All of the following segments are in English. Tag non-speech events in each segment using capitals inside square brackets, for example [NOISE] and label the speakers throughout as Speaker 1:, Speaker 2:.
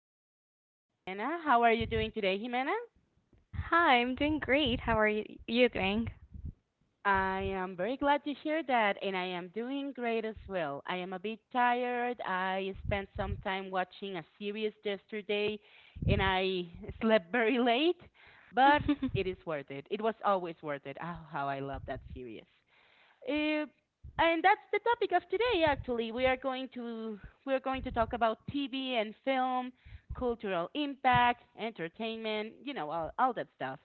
Speaker 1: with my friend Jimena. How are you doing today, Jimena?
Speaker 2: Hi, I'm doing great. How are you doing?
Speaker 1: I am very glad to hear that, and I am doing great as well. I am a bit tired. I spent some time watching a series yesterday, and I slept very late, but it
Speaker 2: [LAUGHS]
Speaker 1: is worth it. It was always worth it. Oh, how I love that series. Uh, and that's the topic of today. Actually, we are going to talk about TV and film, cultural impact, entertainment. You know, all that stuff.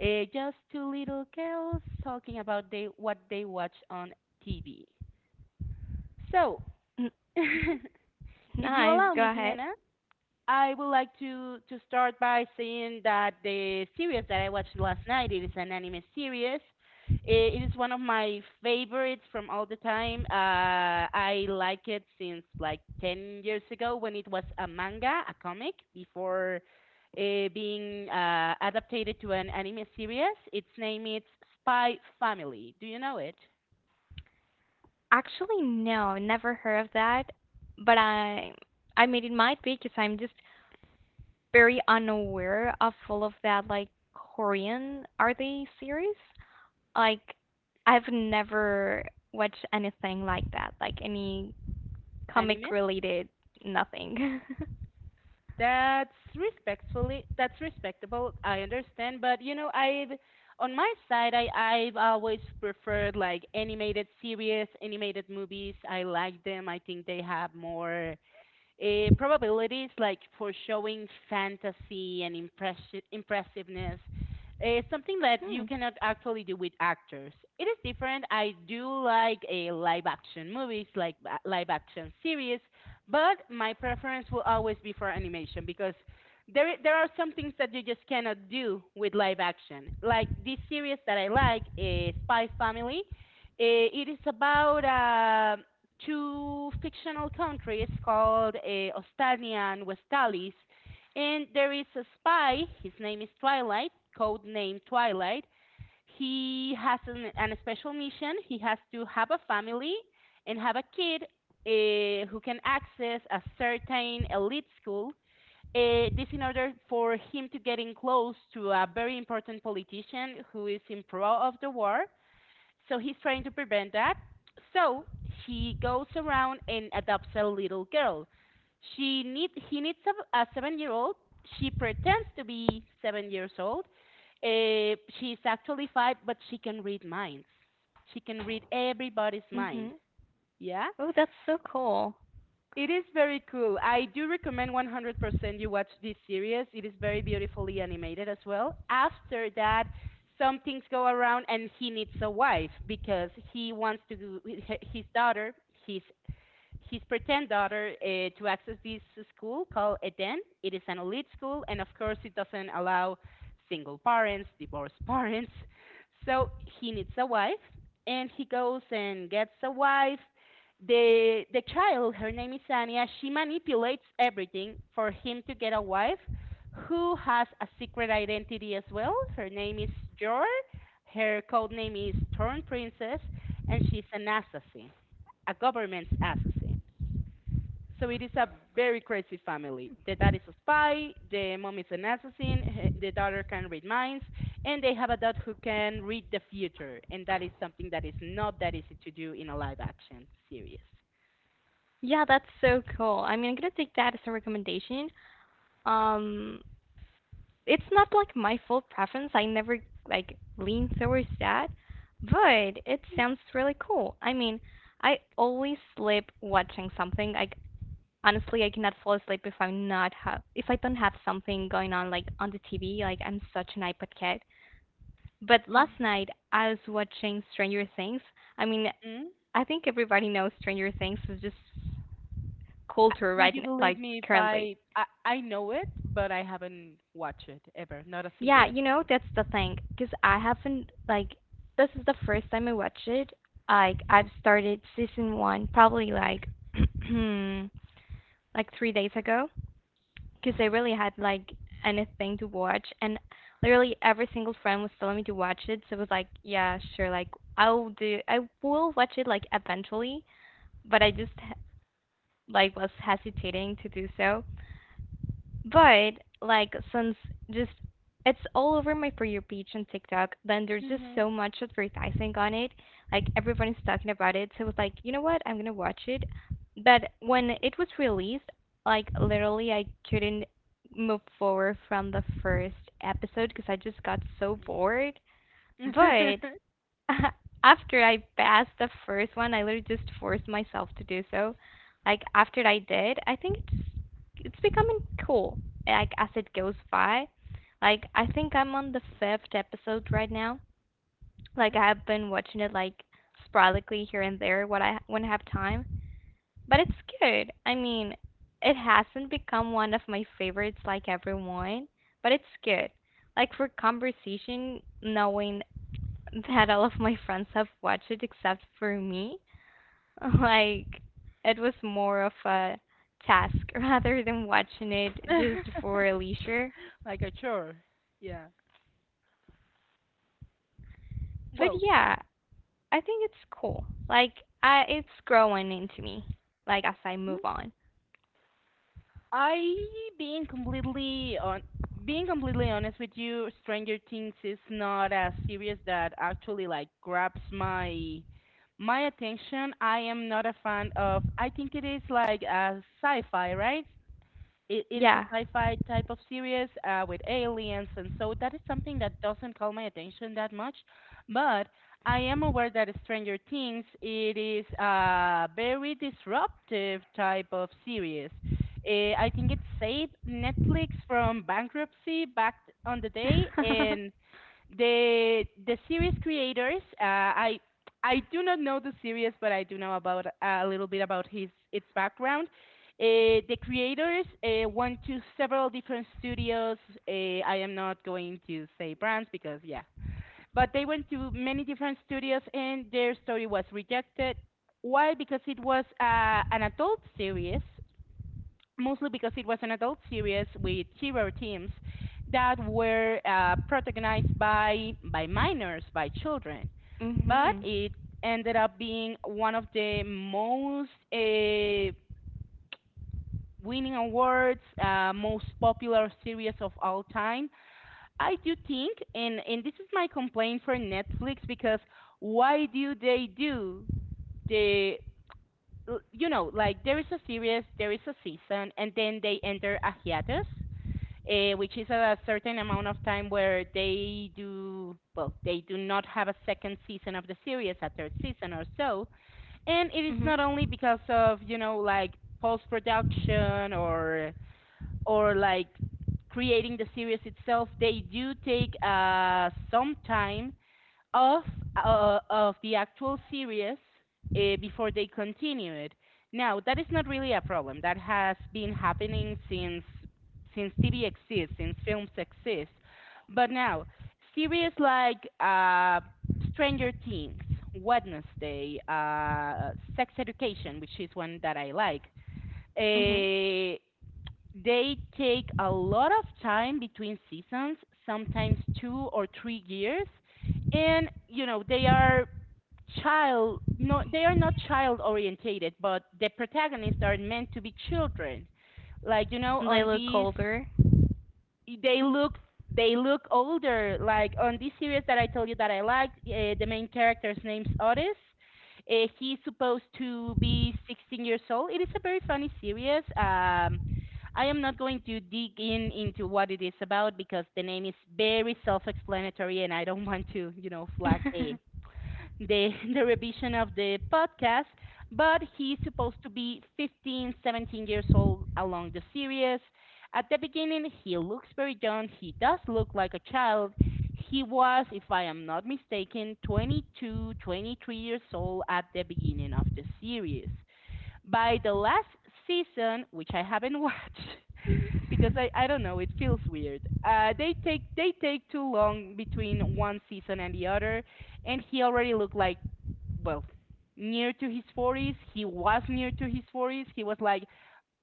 Speaker 1: Just two little girls talking about they what they watch on TV. So, [LAUGHS]
Speaker 2: Mhm.
Speaker 1: if you
Speaker 2: Nice.
Speaker 1: allow
Speaker 2: Go
Speaker 1: me,
Speaker 2: ahead.
Speaker 1: Jimena, I would like to start by saying that the series that I watched last night it is an anime series. It is one of my favorites from all the time. I like it since like 10 years ago when it was a manga, a comic, before being adapted to an anime series. Its name is Spy Family. Do you know it?
Speaker 2: Actually, no, never heard of that. But I mean, it might be because I'm just very unaware of all of that, like Korean are they series? Like, I've never watched anything like that, like any comic
Speaker 1: Anime?
Speaker 2: related nothing. [LAUGHS]
Speaker 1: That's respectfully, that's respectable. I understand, but you know, I've on my side, I've always preferred like animated series, animated movies. I like them. I think they have more probabilities like for showing fantasy and impressiveness is something that you
Speaker 2: Hmm.
Speaker 1: cannot actually do with actors. It is different. I do like a live action movies, like live action series, but my preference will always be for animation because there are some things that you just cannot do with live action. Like this series that I like, Spy Family. It is about a two fictional countries called Ostania and Westalis. And there is a spy, his name is Twilight, codenamed Twilight. He has an special mission. He has to have a family and have a kid who can access a certain elite school. This in order for him to get in close to a very important politician who is in pro of the war, so he's trying to prevent that. So he goes around and adopts a little girl. She need He needs a 7 year old. She pretends to be 7 years old. She's actually five, but she can read minds. She can read everybody's mind.
Speaker 2: Mhm.
Speaker 1: Yeah.
Speaker 2: Oh, that's so cool.
Speaker 1: It is very cool. I do recommend 100% you watch this series. It is very beautifully animated as well. After that, some things go around and he needs a wife because he wants to do, his daughter, his his pretend daughter to access this school called Eden. It is an elite school, and of course, it doesn't allow single parents, divorced [LAUGHS] parents. So he needs a wife, and he goes and gets a wife. The child, her name is Anya. She manipulates everything for him to get a wife who has a secret identity as well. Her name is Jor. Her code name is Torn Princess, and she's an assassin, a government's assassin. So it is a very crazy family. The dad is a spy, the mom is an assassin, the daughter can read minds, and they have a dad who can read the future. And that is something that is not that easy to do in a live action series.
Speaker 2: Yeah, that's so cool. I mean, I'm gonna take that as a recommendation. Um, it's not like my full preference. I never like lean towards that, but it sounds really cool. I mean, I always sleep watching something. Like honestly, I cannot fall asleep if I'm not have if I don't have something going on like on the TV. Like I'm such an iPod kid. But last night I was watching Stranger Things. I mean,
Speaker 1: Mm?
Speaker 2: I think everybody knows Stranger Things is just
Speaker 1: Uh,
Speaker 2: culture
Speaker 1: Would
Speaker 2: right
Speaker 1: you believe
Speaker 2: like
Speaker 1: me if
Speaker 2: currently.
Speaker 1: I know it, but I haven't watched it ever, not a single
Speaker 2: Yeah,
Speaker 1: episode.
Speaker 2: that's the thing. 'Cause I haven't, like, this is the first time I watched it. Like I've started season one probably like [CLEARS THROAT] like 3 days ago. 'Cause I really had like anything to watch, and literally every single friend was telling me to watch it. So I was like, yeah, sure, like I will watch it like eventually, but I just like was hesitating to do so. But like since just it's all over my for your page and TikTok, then there's just
Speaker 1: Mhm.
Speaker 2: so much advertising on it. Like everybody's talking about it, so I was like, you know what, I'm gonna watch it. But when it was released, like literally, I couldn't move forward from the first episode because I just got so
Speaker 1: Mm.
Speaker 2: bored. But
Speaker 1: [LAUGHS]
Speaker 2: [LAUGHS] after I passed the first one, I literally just forced myself to do so. Like after I did, I think it's becoming cool. Like as it goes by, like I think I'm on the fifth episode right now.
Speaker 1: Mm.
Speaker 2: Like I have been watching it like sporadically here and there when I have time, but it's good. I mean, it hasn't become one of my favorites like everyone, but it's good. Like for conversation, knowing that all of my friends have watched it except for me. [LAUGHS] Like, it was more of a task [LAUGHS] rather than watching it just for
Speaker 1: [LAUGHS]
Speaker 2: leisure.
Speaker 1: Like a chore. Yeah.
Speaker 2: But
Speaker 1: Well,
Speaker 2: yeah, I think it's cool. Like, it's growing into me, like, as I move on.
Speaker 1: I being completely on being completely honest with you, Stranger Things is not a series that actually like grabs my attention. I am not a fan of I think it is like a sci-fi, right? It is a
Speaker 2: Yeah.
Speaker 1: sci-fi type of series with aliens, and so that is something that doesn't call my attention that much. But I am aware that Stranger Things it is a very disruptive type of series. I think it saved Netflix from bankruptcy back on the
Speaker 2: [LAUGHS]
Speaker 1: day,
Speaker 2: Mhm.
Speaker 1: and the series creators I do not know the series, but I do know about a little bit about his its background. The creators went to several different studios. uh, I am not going to say brands because yeah, but they went to many different studios and their story was rejected. Why? Because it was an adult series, mostly because it was an adult series with hero teams that were protagonized by minors, by children. But
Speaker 2: Mhm.
Speaker 1: it ended up being one of the most winning awards, most popular series of all time. I do think, and this is my complaint for Netflix, because why do they do the you know like there is a series, there is a season, and then they enter a hiatus, which is a certain amount of time where they do, well, they do not have a second season of the series, a third season or so. And it is not only because of, you know, like post production or like creating the series itself. They do take some time of of the actual series before they continue it. Now that is not really a problem. That has been happening since TV exists, since films exist. But now series like Stranger Things, Wednesday, Sex Education, which is one that I like,
Speaker 2: Mhm.
Speaker 1: uh, they take a lot of time between seasons, sometimes 2 or 3 years. And, you know, they are child, no, they are not child orientated, but the protagonists are meant to be children. Like, you know,
Speaker 2: And they
Speaker 1: on
Speaker 2: look
Speaker 1: these
Speaker 2: older.
Speaker 1: they look they look older. Like on this series that I told you that I liked, the main character's name's Otis. He's supposed to be 16 years old. It is a very funny series. I am not going to dig in into what it is about because the name is very self-explanatory, and I don't [LAUGHS] want to, you know, flag
Speaker 2: [LAUGHS]
Speaker 1: the [LAUGHS] the revision of the podcast, but he's supposed to be 15, 17 years old along the series. At the beginning, he looks very young. He does look like a child. He was, if I am not mistaken, 22, 23 years old at the beginning of the series. By the last season, which I haven't watched [LAUGHS] because I don't know, it feels weird. They take too long between one season and the other, and he already looked like well near to his 40s. He was near to his 40s. He was like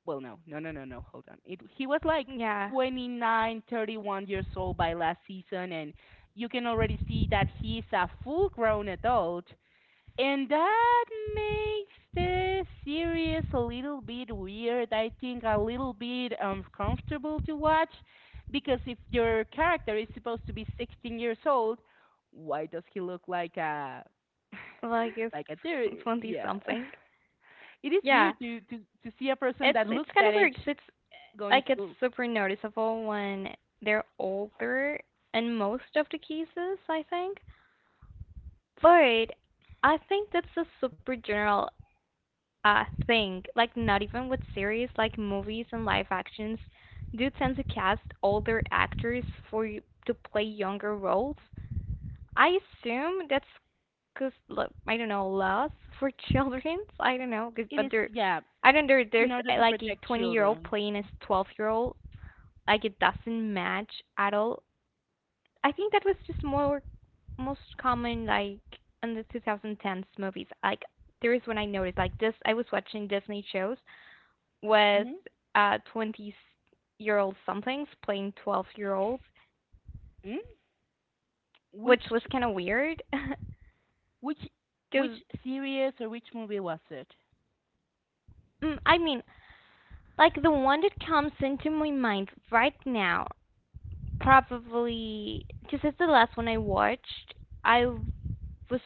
Speaker 1: well no no no no no hold on. It, he was like
Speaker 2: Yeah.
Speaker 1: 29, 31 years old by last season, and you can already see that he's a full grown adult, and that makes the series a little bit weird, I think a little bit uncomfortable to watch. Because if your character is supposed to be 16 years old, why does he look like a
Speaker 2: Like,
Speaker 1: [LAUGHS]
Speaker 2: it's
Speaker 1: like a
Speaker 2: [LAUGHS]
Speaker 1: 30?
Speaker 2: 20
Speaker 1: Yeah.
Speaker 2: something.
Speaker 1: [LAUGHS] It is
Speaker 2: Yeah.
Speaker 1: weird to see a person
Speaker 2: It's
Speaker 1: that
Speaker 2: it's
Speaker 1: looks
Speaker 2: kind
Speaker 1: that
Speaker 2: of weird
Speaker 1: age
Speaker 2: 'cause it's
Speaker 1: going to
Speaker 2: like it's
Speaker 1: school.
Speaker 2: super noticeable when they're older in most of the cases, I think. But I think that's a super general thing. Like not even with series, like movies and live actions do tend to cast older actors for to play younger roles. I assume that's 'cause I don't know laws [LAUGHS] for children. I don't know,
Speaker 1: It
Speaker 2: but
Speaker 1: is,
Speaker 2: they're,
Speaker 1: yeah,
Speaker 2: I don't know. There's
Speaker 1: in order to
Speaker 2: like a
Speaker 1: protect
Speaker 2: 20-year-old
Speaker 1: children.
Speaker 2: playing a 12-year old, like it doesn't match at all. I think that was just more most common like in the 2010s movies. Like there is when I noticed like this, I was watching Disney shows with
Speaker 1: hmm
Speaker 2: 20-year-old somethings playing 12-year-olds,
Speaker 1: mm
Speaker 2: which was
Speaker 1: Which
Speaker 2: kind of weird [LAUGHS]
Speaker 1: which
Speaker 2: 'cuz
Speaker 1: which series or which movie was it?
Speaker 2: I mean, like the one that comes into my mind right now probably 'cuz it's the last one I watched. I was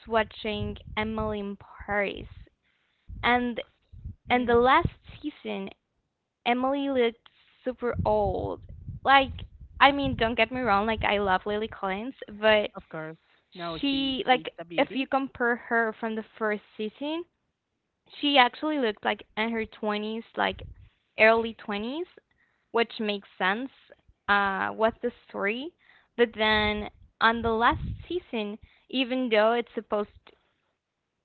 Speaker 2: watching Emily in Paris, and and the last season Emily looked super old. Like, I mean, don't get me wrong, like I love Lily Collins, but
Speaker 1: Of course. No, she
Speaker 2: she
Speaker 1: she's
Speaker 2: like,
Speaker 1: a
Speaker 2: if you
Speaker 1: beauty.
Speaker 2: compare her from the first season, she actually looked like in her 20s, like early 20s, which makes sense with the story. But then on the last season, even though it's supposed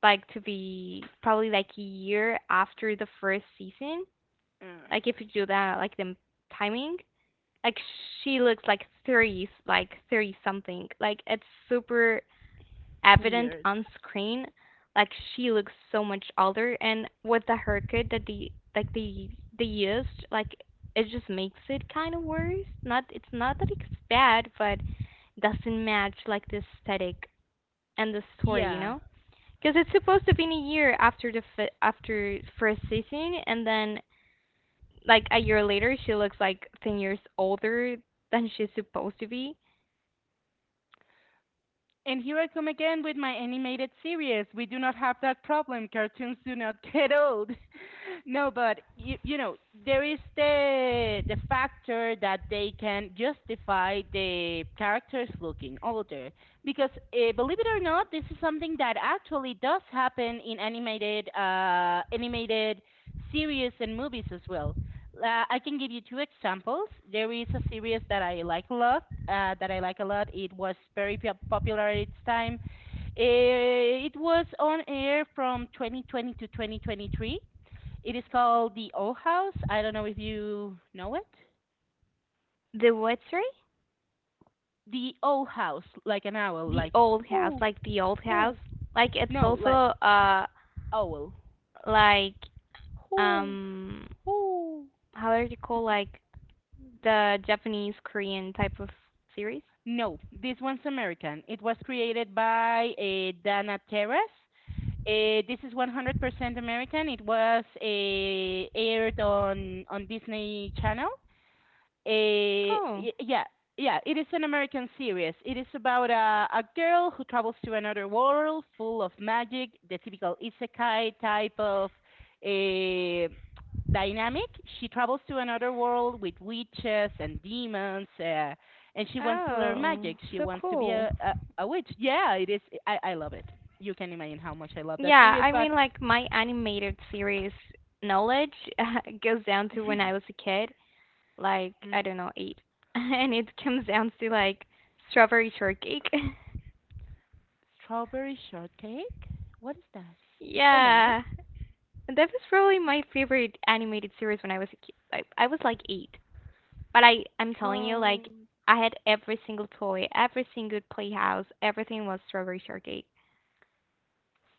Speaker 2: like to be probably like a year after the first season,
Speaker 1: Mm,
Speaker 2: like if you do that, like the timing, like she looks like 30, like 30 something. Like it's super evident
Speaker 1: Weird.
Speaker 2: on screen. Like she looks so much older, and with the haircut that the like they used, like it just makes it kind of worse. Not it's not that it's bad, but it doesn't match like the aesthetic and the story, you
Speaker 1: Yeah.
Speaker 2: know? Because it's supposed to be in a year after after first season, and then like a year later she looks like 10 years older than she's supposed to be.
Speaker 1: And here I come again with my animated series. We do not have that problem. Cartoons do not [LAUGHS] get old. No, but you know there is the factor that they can justify the characters looking older, because believe it or not, this is something that actually does happen in animated animated series and movies as well. I can give you two examples. There is a series that I like a lot. It was very popular at its time. It was on air from 2020 to 2023. It is called the Owl House. I don't know if you know it.
Speaker 2: The what, sorry?
Speaker 1: The Owl House, like an owl,
Speaker 2: The
Speaker 1: like
Speaker 2: old house,
Speaker 1: whoo
Speaker 2: like the old house,
Speaker 1: whoo.
Speaker 2: like it's
Speaker 1: No,
Speaker 2: also
Speaker 1: like owl.
Speaker 2: like
Speaker 1: Whoo
Speaker 2: um
Speaker 1: whoo.
Speaker 2: how are you call, like, the Japanese Korean type of series?
Speaker 1: No, this one's American. It was created by Dana Terrace. This is 100% American. It was aired on Disney Channel. Eh,
Speaker 2: Oh.
Speaker 1: yeah, yeah, it is an American series. It is about a girl who travels to another world full of magic, the typical isekai type of eh, dynamic. She travels to another world with witches and demons, and she wants to learn
Speaker 2: Oh,
Speaker 1: magic. She
Speaker 2: so
Speaker 1: wants to be
Speaker 2: cool.
Speaker 1: a witch. Yeah, it is. I love it. You can imagine how much I love that
Speaker 2: Yeah,
Speaker 1: series,
Speaker 2: I
Speaker 1: but
Speaker 2: mean, like my animated series knowledge [LAUGHS] goes down to when I was a kid, like
Speaker 1: mm,
Speaker 2: I don't know, eight, [LAUGHS] and it comes down to like Strawberry Shortcake.
Speaker 1: strawberry shortcake? What is that?
Speaker 2: [LAUGHS]
Speaker 1: It's an anime?
Speaker 2: Yeah, that was probably my favorite animated series when I was a kid. Like I was like eight, but I'm telling you,
Speaker 1: Straw.
Speaker 2: like I had every single toy, every single playhouse, everything was Strawberry Shortcake.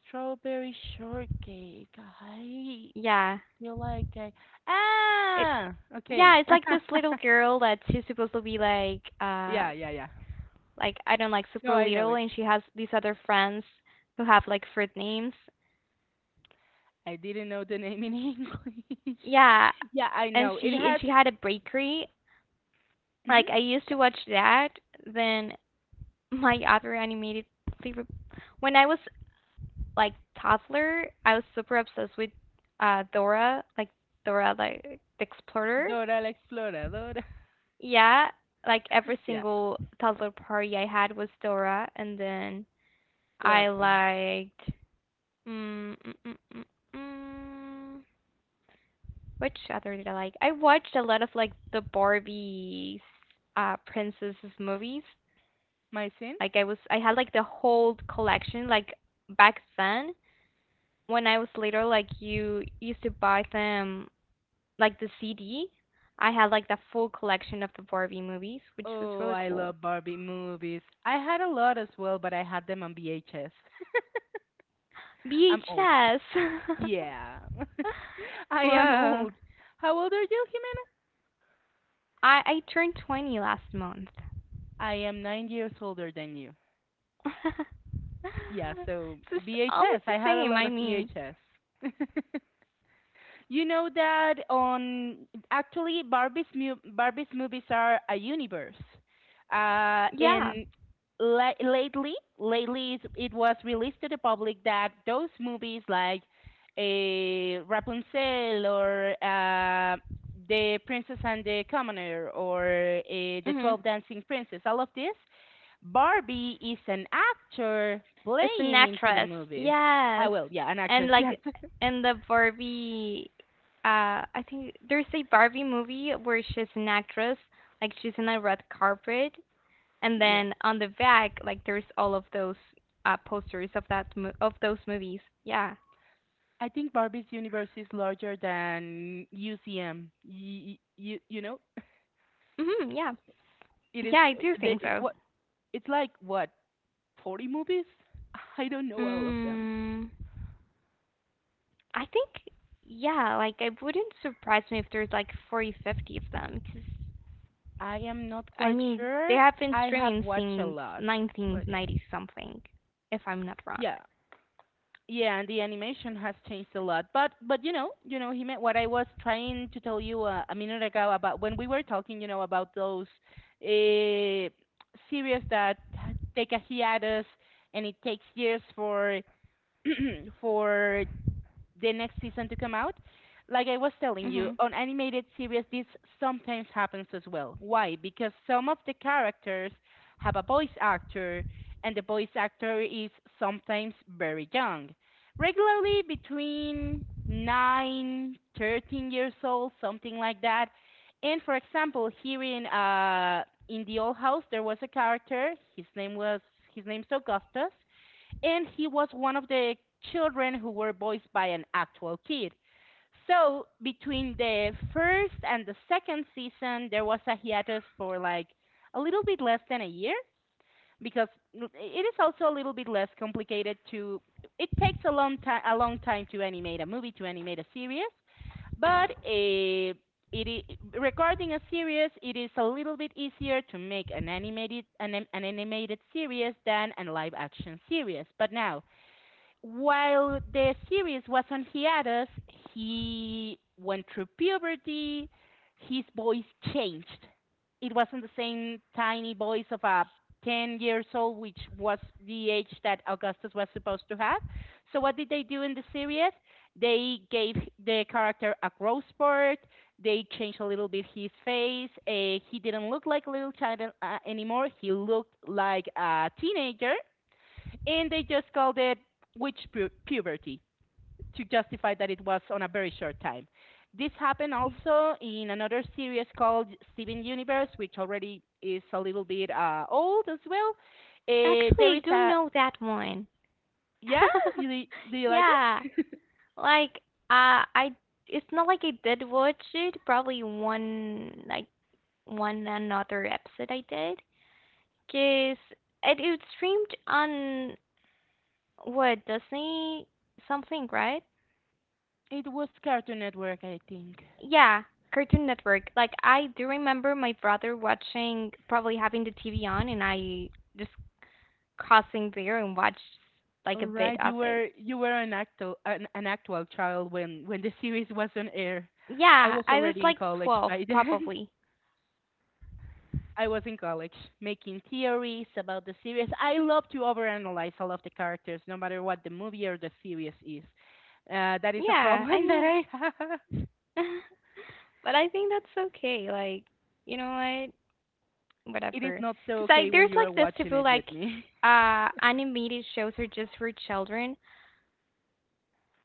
Speaker 1: Strawberry shortcake. I
Speaker 2: Yeah,
Speaker 1: feel like I
Speaker 2: it,
Speaker 1: Ah, okay.
Speaker 2: yeah, it's like this little
Speaker 1: [LAUGHS]
Speaker 2: girl that she's supposed to be
Speaker 1: Yeah, yeah, yeah.
Speaker 2: like I don't like
Speaker 1: No,
Speaker 2: super
Speaker 1: I know
Speaker 2: little,
Speaker 1: it.
Speaker 2: and she has these other friends who have like fruit names.
Speaker 1: I didn't know the name in [LAUGHS] English.
Speaker 2: Yeah,
Speaker 1: Yeah, I
Speaker 2: and
Speaker 1: know. It
Speaker 2: she and
Speaker 1: has.
Speaker 2: she had a bakery.
Speaker 1: Hmm,
Speaker 2: Like I used to
Speaker 1: yeah.
Speaker 2: watch that. Then [LAUGHS] my other animated favorite when I was like toddler, I was super obsessed with Dora, like Dora the Explorer.
Speaker 1: Dora la Exploradora.
Speaker 2: Yeah, like
Speaker 1: [LAUGHS]
Speaker 2: every
Speaker 1: Yeah,
Speaker 2: single toddler party I had was Dora, and then I
Speaker 1: lovely.
Speaker 2: liked mm, mm, mm, mm, mm, which other did I like? I watched a lot of like the Barbie princesses movies.
Speaker 1: My sin?
Speaker 2: Like I had like the whole collection. Like back then, when I was little, like you used to buy them like the CD. I had like the full collection of the Barbie movies, which was
Speaker 1: Oh,
Speaker 2: really
Speaker 1: I
Speaker 2: cool.
Speaker 1: love Barbie movies. I had a lot as well, but I had them on VHS. [LAUGHS] I'm old.
Speaker 2: VHS.
Speaker 1: Yeah. [LAUGHS]
Speaker 2: [LAUGHS]
Speaker 1: I am
Speaker 2: Whoa.
Speaker 1: old. How old are you?
Speaker 2: I turned 20 last month.
Speaker 1: I am 9 years older than you.
Speaker 2: [LAUGHS] It's
Speaker 1: Yeah, so
Speaker 2: just almost
Speaker 1: VHS.
Speaker 2: the
Speaker 1: I had a
Speaker 2: same.
Speaker 1: lot
Speaker 2: I
Speaker 1: of
Speaker 2: mean,
Speaker 1: VHS. [LAUGHS] You know that on actually Barbie's Barbie's movies are a universe,
Speaker 2: yeah.
Speaker 1: and lately it was released to the public that those movies like a Rapunzel, or the Princess and the Commoner, or the
Speaker 2: Mhm.
Speaker 1: 12 Dancing Princess, all of this, Barbie is an actor
Speaker 2: It's an
Speaker 1: playing into the
Speaker 2: actress,
Speaker 1: movies.
Speaker 2: yes.
Speaker 1: Ah, well, yeah, an
Speaker 2: And
Speaker 1: actress, [LAUGHS] yes,
Speaker 2: like in the Barbie, I think there's a Barbie movie where she's an actress, like she's in a red carpet, and
Speaker 1: yeah.
Speaker 2: then on the back, like there's all of those posters of those movies. Yeah.
Speaker 1: I think Barbie's universe is larger than UCM. You know,
Speaker 2: Mhm, yeah.
Speaker 1: it is
Speaker 2: Yeah, I do
Speaker 1: they,
Speaker 2: think so.
Speaker 1: what, it's like what, 40 movies? [LAUGHS] I don't know all of them.
Speaker 2: Mm, I think, yeah, like it wouldn't surprise me if there's like 40, 50 of them, 'cause
Speaker 1: I am not
Speaker 2: I
Speaker 1: quite
Speaker 2: mean, they
Speaker 1: sure.
Speaker 2: have been
Speaker 1: I have
Speaker 2: streaming
Speaker 1: watched a
Speaker 2: since
Speaker 1: lot, but yeah,
Speaker 2: 1990 something, if I'm not wrong.
Speaker 1: yeah, yeah. And the animation has changed a lot. But you know, he meant what I was trying to tell you a minute ago about when we were talking, you know, about those uh, series that take a hiatus and it takes years for [CLEARS THROAT] for the next season to come out. Like I was telling you,
Speaker 2: Hmm.
Speaker 1: on animated series, this sometimes happens as well. Why? Because some of the characters have a voice actor, and the voice actor is sometimes very young, regularly between 9, 13 years old, something like that. And for example, here in the old house, there was a character. His name's Augustus, and he was one of the children who were voiced by an actual kid. So between the first and the second season, there was a hiatus for like a little bit less than a year, because it is also a little bit less complicated to. It takes a long time to animate a movie, to animate a series, but a it is, regarding a series, it is a little bit easier to make an animated an animated series than a live action series. But now, while the series was on hiatus, he went through puberty. His voice changed. It wasn't the same tiny voice of a 10 years old, which was the age that Augustus was supposed to have. So, what did they do in the series? They gave the character a growth spurt. They changed a little bit his face. He didn't look like a little child anymore. He looked like a teenager, and they just called it witch puberty to justify that it was on a very short time. This happened also in another series called Steven Universe, which already is a little bit old as well.
Speaker 2: Actually,
Speaker 1: There
Speaker 2: I
Speaker 1: is
Speaker 2: do
Speaker 1: a
Speaker 2: know that one.
Speaker 1: yeah,
Speaker 2: [LAUGHS]
Speaker 1: you, do you like it?
Speaker 2: Yeah, like uh, I, it's not like I did watch it. Probably one, like one another episode I did. 'Cause it streamed on what Disney something, right?
Speaker 1: It was Cartoon Network, I think.
Speaker 2: Yeah, Cartoon Network. Like I do remember my brother watching, probably having the TV on, and I just crossing there and watched like
Speaker 1: All
Speaker 2: a bit
Speaker 1: right,
Speaker 2: of it.
Speaker 1: you were an actual an actual child when the series was on air. I
Speaker 2: Yeah,
Speaker 1: was
Speaker 2: I was
Speaker 1: already in
Speaker 2: like
Speaker 1: college
Speaker 2: 12
Speaker 1: by [LAUGHS] then.
Speaker 2: probably.
Speaker 1: I was in college making theories about the series. I love to overanalyze all of the characters, no matter what the movie or the series is. That is a
Speaker 2: Yeah, I
Speaker 1: problem [LAUGHS] that
Speaker 2: mean,
Speaker 1: I have.
Speaker 2: [LAUGHS] but I think that's okay. Like, you know what?
Speaker 1: It is
Speaker 2: Whatever.
Speaker 1: not so
Speaker 2: Because I
Speaker 1: okay when
Speaker 2: there's
Speaker 1: you are
Speaker 2: like this
Speaker 1: watching
Speaker 2: people
Speaker 1: it
Speaker 2: like
Speaker 1: with me. [LAUGHS]
Speaker 2: animated shows are just for children,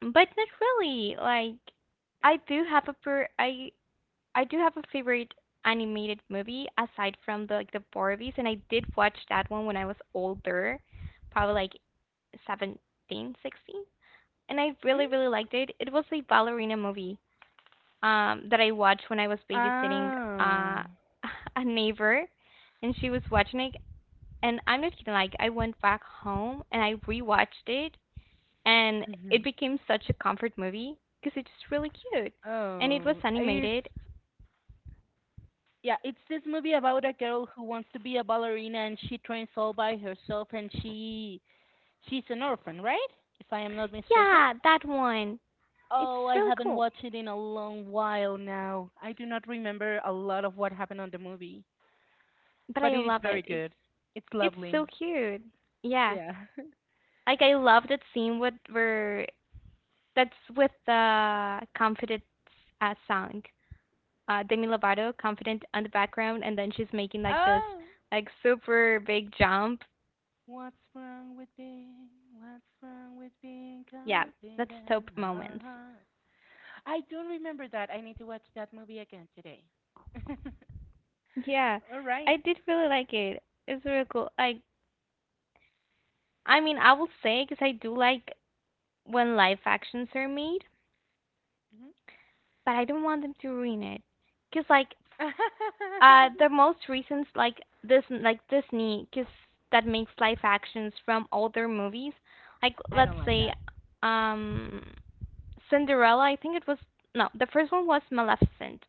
Speaker 2: but not really. Like I do have a per I do have a favorite animated movie aside from the like the Barbies, and I did watch that one when I was older, probably like 17, 16, and I
Speaker 1: Hmm?
Speaker 2: really really liked it. It was a ballerina movie that I watched when I was babysitting
Speaker 1: Oh.
Speaker 2: uh [LAUGHS] a neighbor, and she was watching it, and I'm not kidding. Like I went back home and I rewatched it, and it
Speaker 1: Mhm.
Speaker 2: became such a comfort movie because it's just really cute, and it was
Speaker 1: Oh.
Speaker 2: animated.
Speaker 1: It's, yeah, it's this movie about a girl who wants to be a ballerina and she trains all by herself, and she's an orphan, right? If I am not mistaken.
Speaker 2: Yeah, that one. It's
Speaker 1: Oh, I
Speaker 2: really
Speaker 1: haven't
Speaker 2: cool,
Speaker 1: watched it in a long while now. I do not remember a lot of what happened on the movie,
Speaker 2: but
Speaker 1: but
Speaker 2: I
Speaker 1: it is
Speaker 2: love
Speaker 1: very
Speaker 2: it. It's
Speaker 1: good. It's
Speaker 2: it's so
Speaker 1: lovely.
Speaker 2: cute. Yeah,
Speaker 1: Yeah.
Speaker 2: like I love that scene with where that's with the confident song, Demi Lovato, confident on the background, and then she's making
Speaker 1: [LAUGHS]
Speaker 2: like this
Speaker 1: Oh,
Speaker 2: like super big jump.
Speaker 1: what's wrong with being? What's wrong with being
Speaker 2: Yeah, that's top
Speaker 1: confident?
Speaker 2: moments.
Speaker 1: Ah. I don't remember that. I need to watch that movie again today. [LAUGHS]
Speaker 2: Yeah,
Speaker 1: All right.
Speaker 2: I did really like it. It's really cool. Like, I mean, I will say because I do like when live actions are made,
Speaker 1: Mhm.
Speaker 2: but I don't want them to ruin it. Because like
Speaker 1: [LAUGHS]
Speaker 2: the most recent, like this, like Disney, 'cause that makes live actions from older movies. Like
Speaker 1: I
Speaker 2: let's
Speaker 1: don't like
Speaker 2: say,
Speaker 1: that.
Speaker 2: um, Cinderella. I think it was, no, the first one was Maleficent.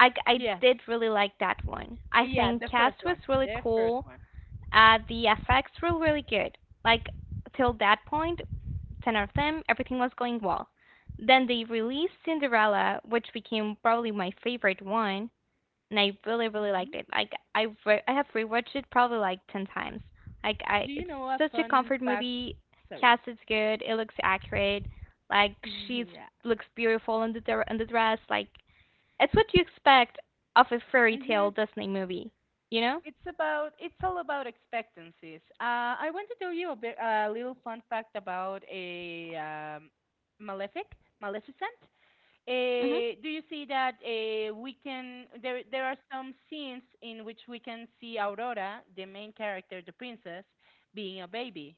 Speaker 2: I
Speaker 1: Yes.
Speaker 2: did really like that one. I
Speaker 1: Yeah,
Speaker 2: think
Speaker 1: the first
Speaker 2: cast was
Speaker 1: one.
Speaker 2: really
Speaker 1: The first
Speaker 2: cool.
Speaker 1: one.
Speaker 2: The effects were really good. Like till that point, ten out of them, everything was going well. Then they released Cinderella, which became probably my favorite one, and I really really liked it. Like I have rewatched it probably like 10 times. Like I
Speaker 1: Do you
Speaker 2: it's
Speaker 1: know a
Speaker 2: such a
Speaker 1: fun
Speaker 2: comfort
Speaker 1: fact?
Speaker 2: movie.
Speaker 1: Sorry.
Speaker 2: Cast is good. It looks accurate. Like
Speaker 1: [LAUGHS]
Speaker 2: she
Speaker 1: Yeah.
Speaker 2: looks beautiful in the dress. Like it's what you expect of a fairy
Speaker 1: Hmm.
Speaker 2: tale Disney movie. You know?
Speaker 1: It's about, it's all about expectancies. I want to tell you a bit a little fun fact about a Maleficent.
Speaker 2: Mhm.
Speaker 1: Do you see that we can there are some scenes in which we can see Aurora, the main character, the princess, being a baby.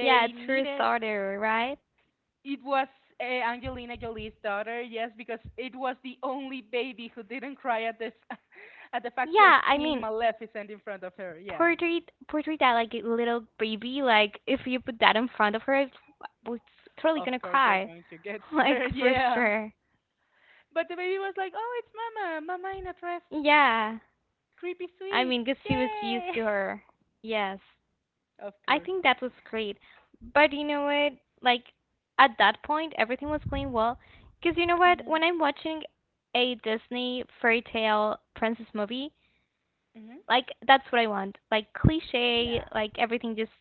Speaker 2: Yeah, it's her
Speaker 1: needed.
Speaker 2: daughter, right?
Speaker 1: It was Angelina Jolie's daughter, yes, because it was the only baby who didn't cry at this [LAUGHS] at the fact of
Speaker 2: Yeah, I
Speaker 1: seeing
Speaker 2: mean,
Speaker 1: Maleficent in front of her. Yeah,
Speaker 2: portrait that like a little baby. Like if you put that in front of her, it's totally
Speaker 1: of
Speaker 2: gonna
Speaker 1: course they're
Speaker 2: cry.
Speaker 1: going to get
Speaker 2: [LAUGHS]
Speaker 1: [LAUGHS]
Speaker 2: Like
Speaker 1: scared.
Speaker 2: for
Speaker 1: Yeah,
Speaker 2: sure.
Speaker 1: but the baby was like, "Oh, it's Mama, Mama in a dress,
Speaker 2: Yeah,
Speaker 1: creepy
Speaker 2: I
Speaker 1: sweet,
Speaker 2: mean, because she was used
Speaker 1: yay!"
Speaker 2: to her. Yes,
Speaker 1: [LAUGHS] Of
Speaker 2: I
Speaker 1: course.
Speaker 2: think that was great. But you know what? Like, at that point, everything was going well. Because you know what?
Speaker 1: Mhm.
Speaker 2: When I'm watching a Disney fairy tale princess movie,
Speaker 1: Mhm.
Speaker 2: like, that's what I want. Like, cliche,
Speaker 1: Yeah.
Speaker 2: like, everything just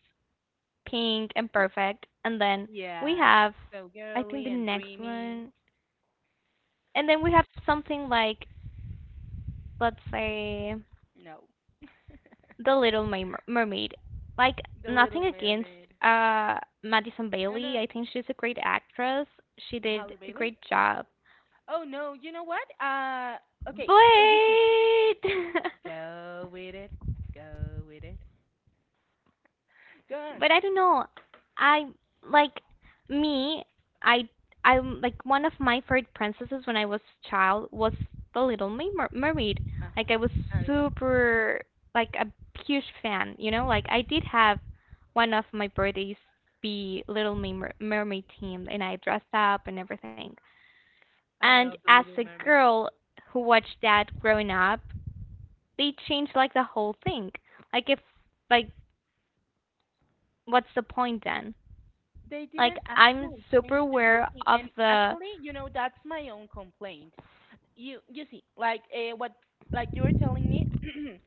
Speaker 2: pink and
Speaker 1: So-
Speaker 2: perfect. And then we
Speaker 1: Yeah.
Speaker 2: have,
Speaker 1: So
Speaker 2: I think, the
Speaker 1: girly and
Speaker 2: next
Speaker 1: dreamy.
Speaker 2: one. And then we have something like, let's say.
Speaker 1: No,
Speaker 2: The Little Mermaid. Like
Speaker 1: The
Speaker 2: nothing
Speaker 1: Little
Speaker 2: against
Speaker 1: Mermaid.
Speaker 2: uh Madison
Speaker 1: No,
Speaker 2: Bailey.
Speaker 1: no.
Speaker 2: I think she's a great actress. She did
Speaker 1: Halle
Speaker 2: a
Speaker 1: Bailey.
Speaker 2: great job.
Speaker 1: Oh no, you know what? Okay,
Speaker 2: But
Speaker 1: [LAUGHS] so you see,
Speaker 2: [LAUGHS]
Speaker 1: go with it, go with it, go on.
Speaker 2: but I don't know. I like me. I I'm like one of my favorite princesses when I was child was the Little Mermaid.
Speaker 1: Uh-huh.
Speaker 2: Like I was
Speaker 1: Ariel,
Speaker 2: super like a huge fan. You know, like I did have one of my birthdays be Little Mermaid themed, and I dressed up and everything.
Speaker 1: I
Speaker 2: And
Speaker 1: love the
Speaker 2: as a
Speaker 1: Little Mermaid.
Speaker 2: girl who watched that growing up, they changed like the whole thing. Like if like what's the point then?
Speaker 1: They
Speaker 2: Like
Speaker 1: didn't
Speaker 2: I'm
Speaker 1: actually
Speaker 2: super
Speaker 1: change the whole
Speaker 2: aware
Speaker 1: thing,
Speaker 2: of
Speaker 1: and
Speaker 2: the.
Speaker 1: actually, you know, that's my own complaint. You see, like what, like you were telling me. [CLEARS THROAT]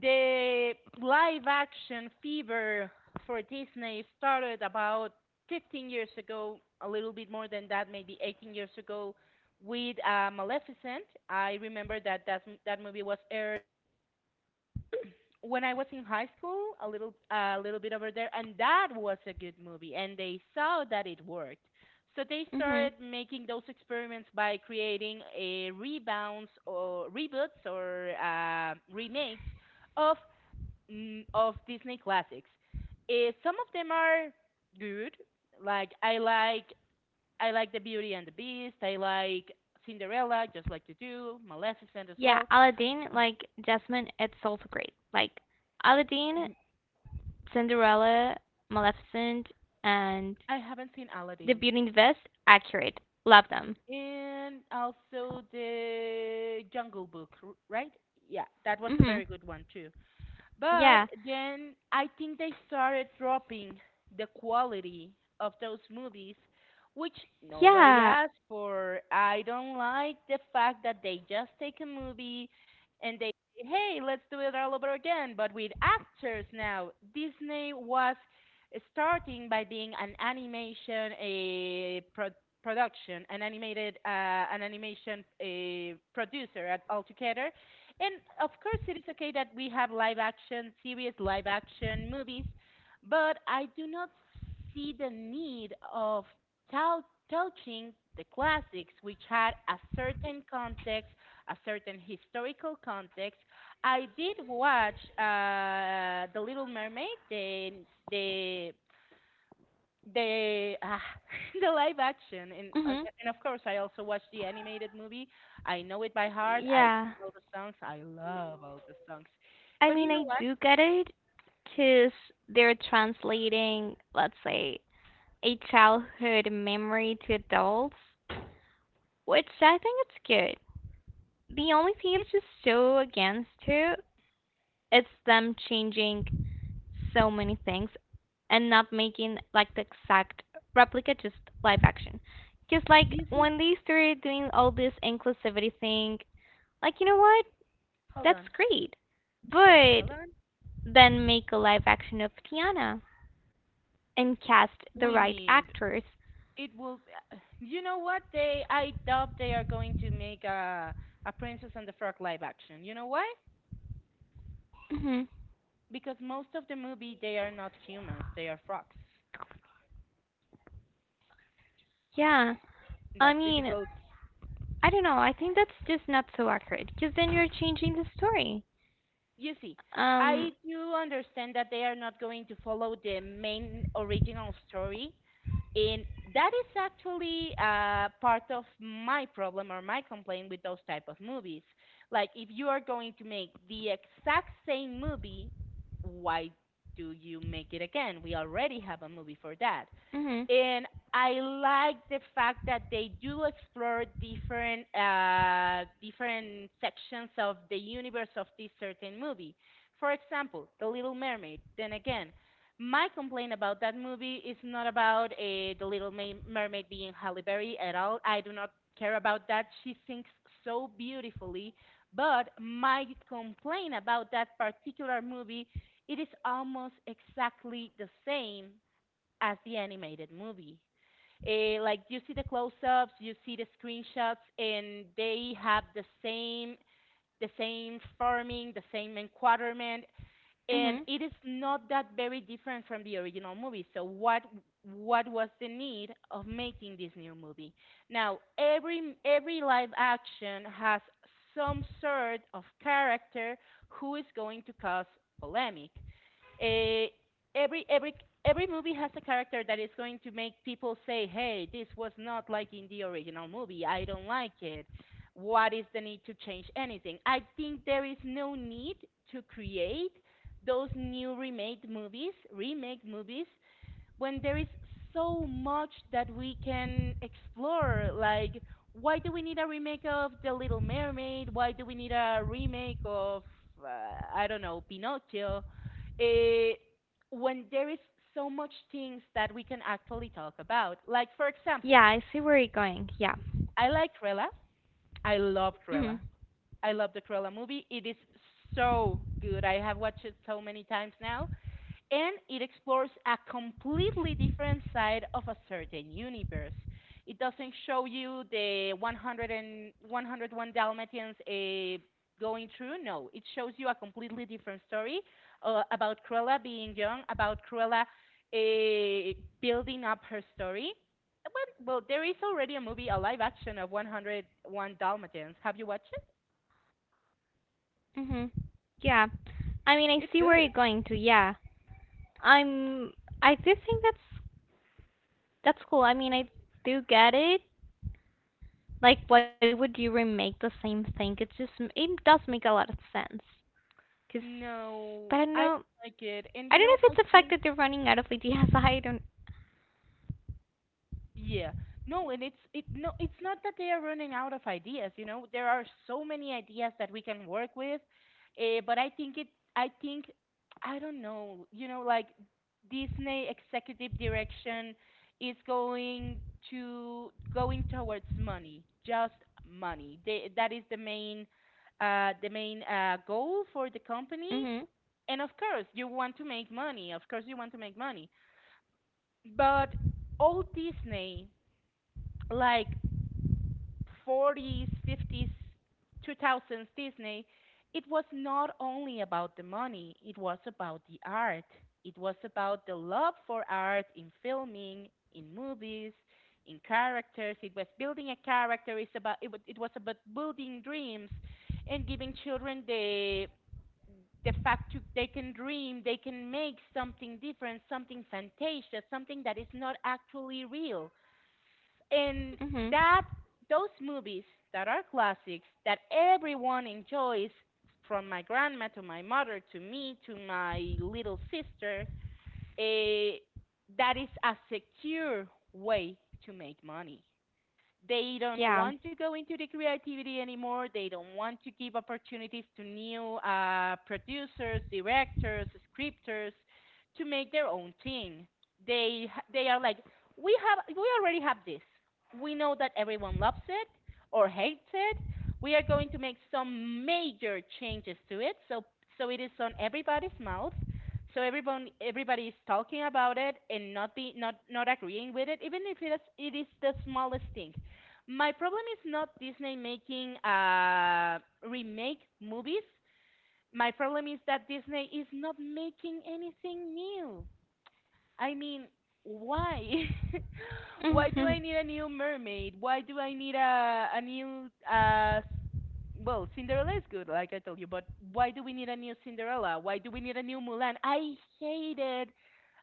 Speaker 1: The live action fever for Disney started about 15 years ago, a little bit more than that, maybe 18 years ago, with Maleficent. I remember that that movie was aired [CLEARS THROAT] when I was in high school, a little bit over there, and that was a good movie, and they saw that it worked. So they
Speaker 2: hmm
Speaker 1: started making those experiments by creating a rebounds, or reboots, or remakes of of Disney classics. Eh, some of them are good. Like I like I like The Beauty and the Beast. I like Cinderella, just like you do. Maleficent as
Speaker 2: yeah,
Speaker 1: well.
Speaker 2: Aladdin, like Jasmine, it's also great. Like Aladdin, Cinderella, Maleficent, and
Speaker 1: I haven't seen
Speaker 2: The
Speaker 1: Aladdin,
Speaker 2: Beauty and the Beast, accurate. Love them.
Speaker 1: and also the Jungle Book, right? Yeah, that was a
Speaker 2: Hmm.
Speaker 1: very good one too. But
Speaker 2: Yeah.
Speaker 1: then I think they started dropping the quality of those movies, which nobody
Speaker 2: Yeah.
Speaker 1: asked for. I don't like the fact that they just take a movie and they say, hey, let's do it all over again, but with actors now. Disney was starting by being an animation a production, an animated, an animation a producer at altogether, and of course, it is okay that we have live action, serious live action movies, but I do not see the need of tal- touching the classics, which had a certain context, a certain historical context. I did watch The Little Mermaid, the the [LAUGHS] the live action,
Speaker 2: Hmm.
Speaker 1: and of course I also watched the animated movie. I know it by heart. I
Speaker 2: Yeah.
Speaker 1: know all the songs. I love all the songs.
Speaker 2: I
Speaker 1: But you
Speaker 2: mean,
Speaker 1: know
Speaker 2: I
Speaker 1: what?
Speaker 2: do get it because they're translating, let's say, a childhood memory to adults, which I think it's the only thing. It's just so against too. It's them changing so many things and not making like the exact replica, just live action. Because like
Speaker 1: You see,
Speaker 2: when they started doing all this inclusivity thing, like you know what,
Speaker 1: hold
Speaker 2: that's
Speaker 1: on,
Speaker 2: great, but
Speaker 1: hold on.
Speaker 2: then make a live action of Tiana and cast the
Speaker 1: We
Speaker 2: right
Speaker 1: need,
Speaker 2: actors.
Speaker 1: it will. You know what? They I doubt they are going to make a Princess and the Frog live action. You know why?
Speaker 2: Hmm.
Speaker 1: Because most of the movie they are not humans. They are frogs.
Speaker 2: Yeah, I
Speaker 1: That's
Speaker 2: mean,
Speaker 1: difficult.
Speaker 2: I don't know. I think that's just not so accurate because then you're changing the story.
Speaker 1: You see,
Speaker 2: Um,
Speaker 1: I do understand that they are not going to follow the main original story, and that is actually part of my problem or my complaint with those type of movies. Like, if you are going to make the exact same movie, why do you make it again? We already have a movie for that,
Speaker 2: mhm.
Speaker 1: and I like the fact that they do explore different different sections of the universe of this certain movie. For example, The Little Mermaid. Then again, my complaint about that movie is not about The Little Mermaid being Halle Berry at all. I do not care about that. She sings so beautifully. But my complaint about that particular movie, it is almost exactly the same as the animated movie. Eh, like you see the close-ups, you see the screenshots, and they have the same farming, the same enquadrant, and
Speaker 2: Mhm.
Speaker 1: it is not that very different from the original movie. So what was the need of making this new movie? Now every live action has some sort of character who is going to cause polemic. Eh, every every every movie has a character that is going to make people say, "Hey, this was not like in the original movie. I don't like it." What is the need to change anything? I think there is no need to create those remake movies, when there is so much that we can explore. Like, why do we need a remake of The Little Mermaid? Why do we need a remake of, uh, I don't know, Pinocchio? Eh, when there is so much things that we can actually talk about. Like, for example,
Speaker 2: Yeah, I see where you're going. Yeah.
Speaker 1: I like Cruella. I love Cruella.
Speaker 2: Mhm.
Speaker 1: I love the Cruella movie. It is so good. I have watched it so many times now, and it explores a completely different side of a certain universe. It doesn't show you the 100 and 101 Dalmatians going through. No, it shows you a completely different story about Cruella being young, about Cruella uh, building up her story. Well, there is already a movie, a live action of 101 Dalmatians. Have you watched it?
Speaker 2: Mhm. Yeah. I mean, I
Speaker 1: It's
Speaker 2: see where you're
Speaker 1: good.
Speaker 2: going to. Yeah. I'm I do think that's cool. I mean, I do get it. Like, why would you remake the same thing? It just it does make a lot of sense. Cause, but I
Speaker 1: No,
Speaker 2: don't
Speaker 1: I
Speaker 2: know.
Speaker 1: like it. And
Speaker 2: I
Speaker 1: you
Speaker 2: don't
Speaker 1: know,
Speaker 2: know if
Speaker 1: I
Speaker 2: it's the fact
Speaker 1: think.
Speaker 2: that they're running out of ideas. [LAUGHS] I don't.
Speaker 1: Yeah. No, and it's it no, it's not that they are running out of ideas, you know. There are so many ideas that we can work with. But I think it. I think I don't know, like Disney executive direction is going towards money, just money. That is the main goal for the company.
Speaker 2: Mhm.
Speaker 1: And of course, you want to make money. Of course you want to make money. But all Disney, like, 40s, 50s, 2000s Disney, it was not only about the money, it was about the art. It was about the love for art in filming, in movies, in characters. It was building a character. It was about building dreams and giving children the fact to, they can dream, they can make something different, something fantastic, something that is not actually real, and
Speaker 2: Mhm.
Speaker 1: that those movies that are classics that everyone enjoys, from my grandma to my mother to me to my little sister, eh, that is a secure way to make money. They don't
Speaker 2: Yeah.
Speaker 1: want to go into the creativity anymore. They don't want to give opportunities to new producers, directors, scripters to make their own thing. They they are like, we have we already have this. We know that everyone loves it or hates it. We are going to make some major changes to it, so it is on everybody's mouth. So everyone everybody is talking about it and not be not not agreeing with it, even if it is the smallest thing. My problem is not Disney making remake movies. My problem is that Disney is not making anything new. I mean, why? [LAUGHS] Why do I
Speaker 2: Mhm. [LAUGHS]
Speaker 1: need a new mermaid? Why do I need a new well, Cinderella is good, like I told you, but why do we need a new Cinderella? Why do we need a new Mulan? Hated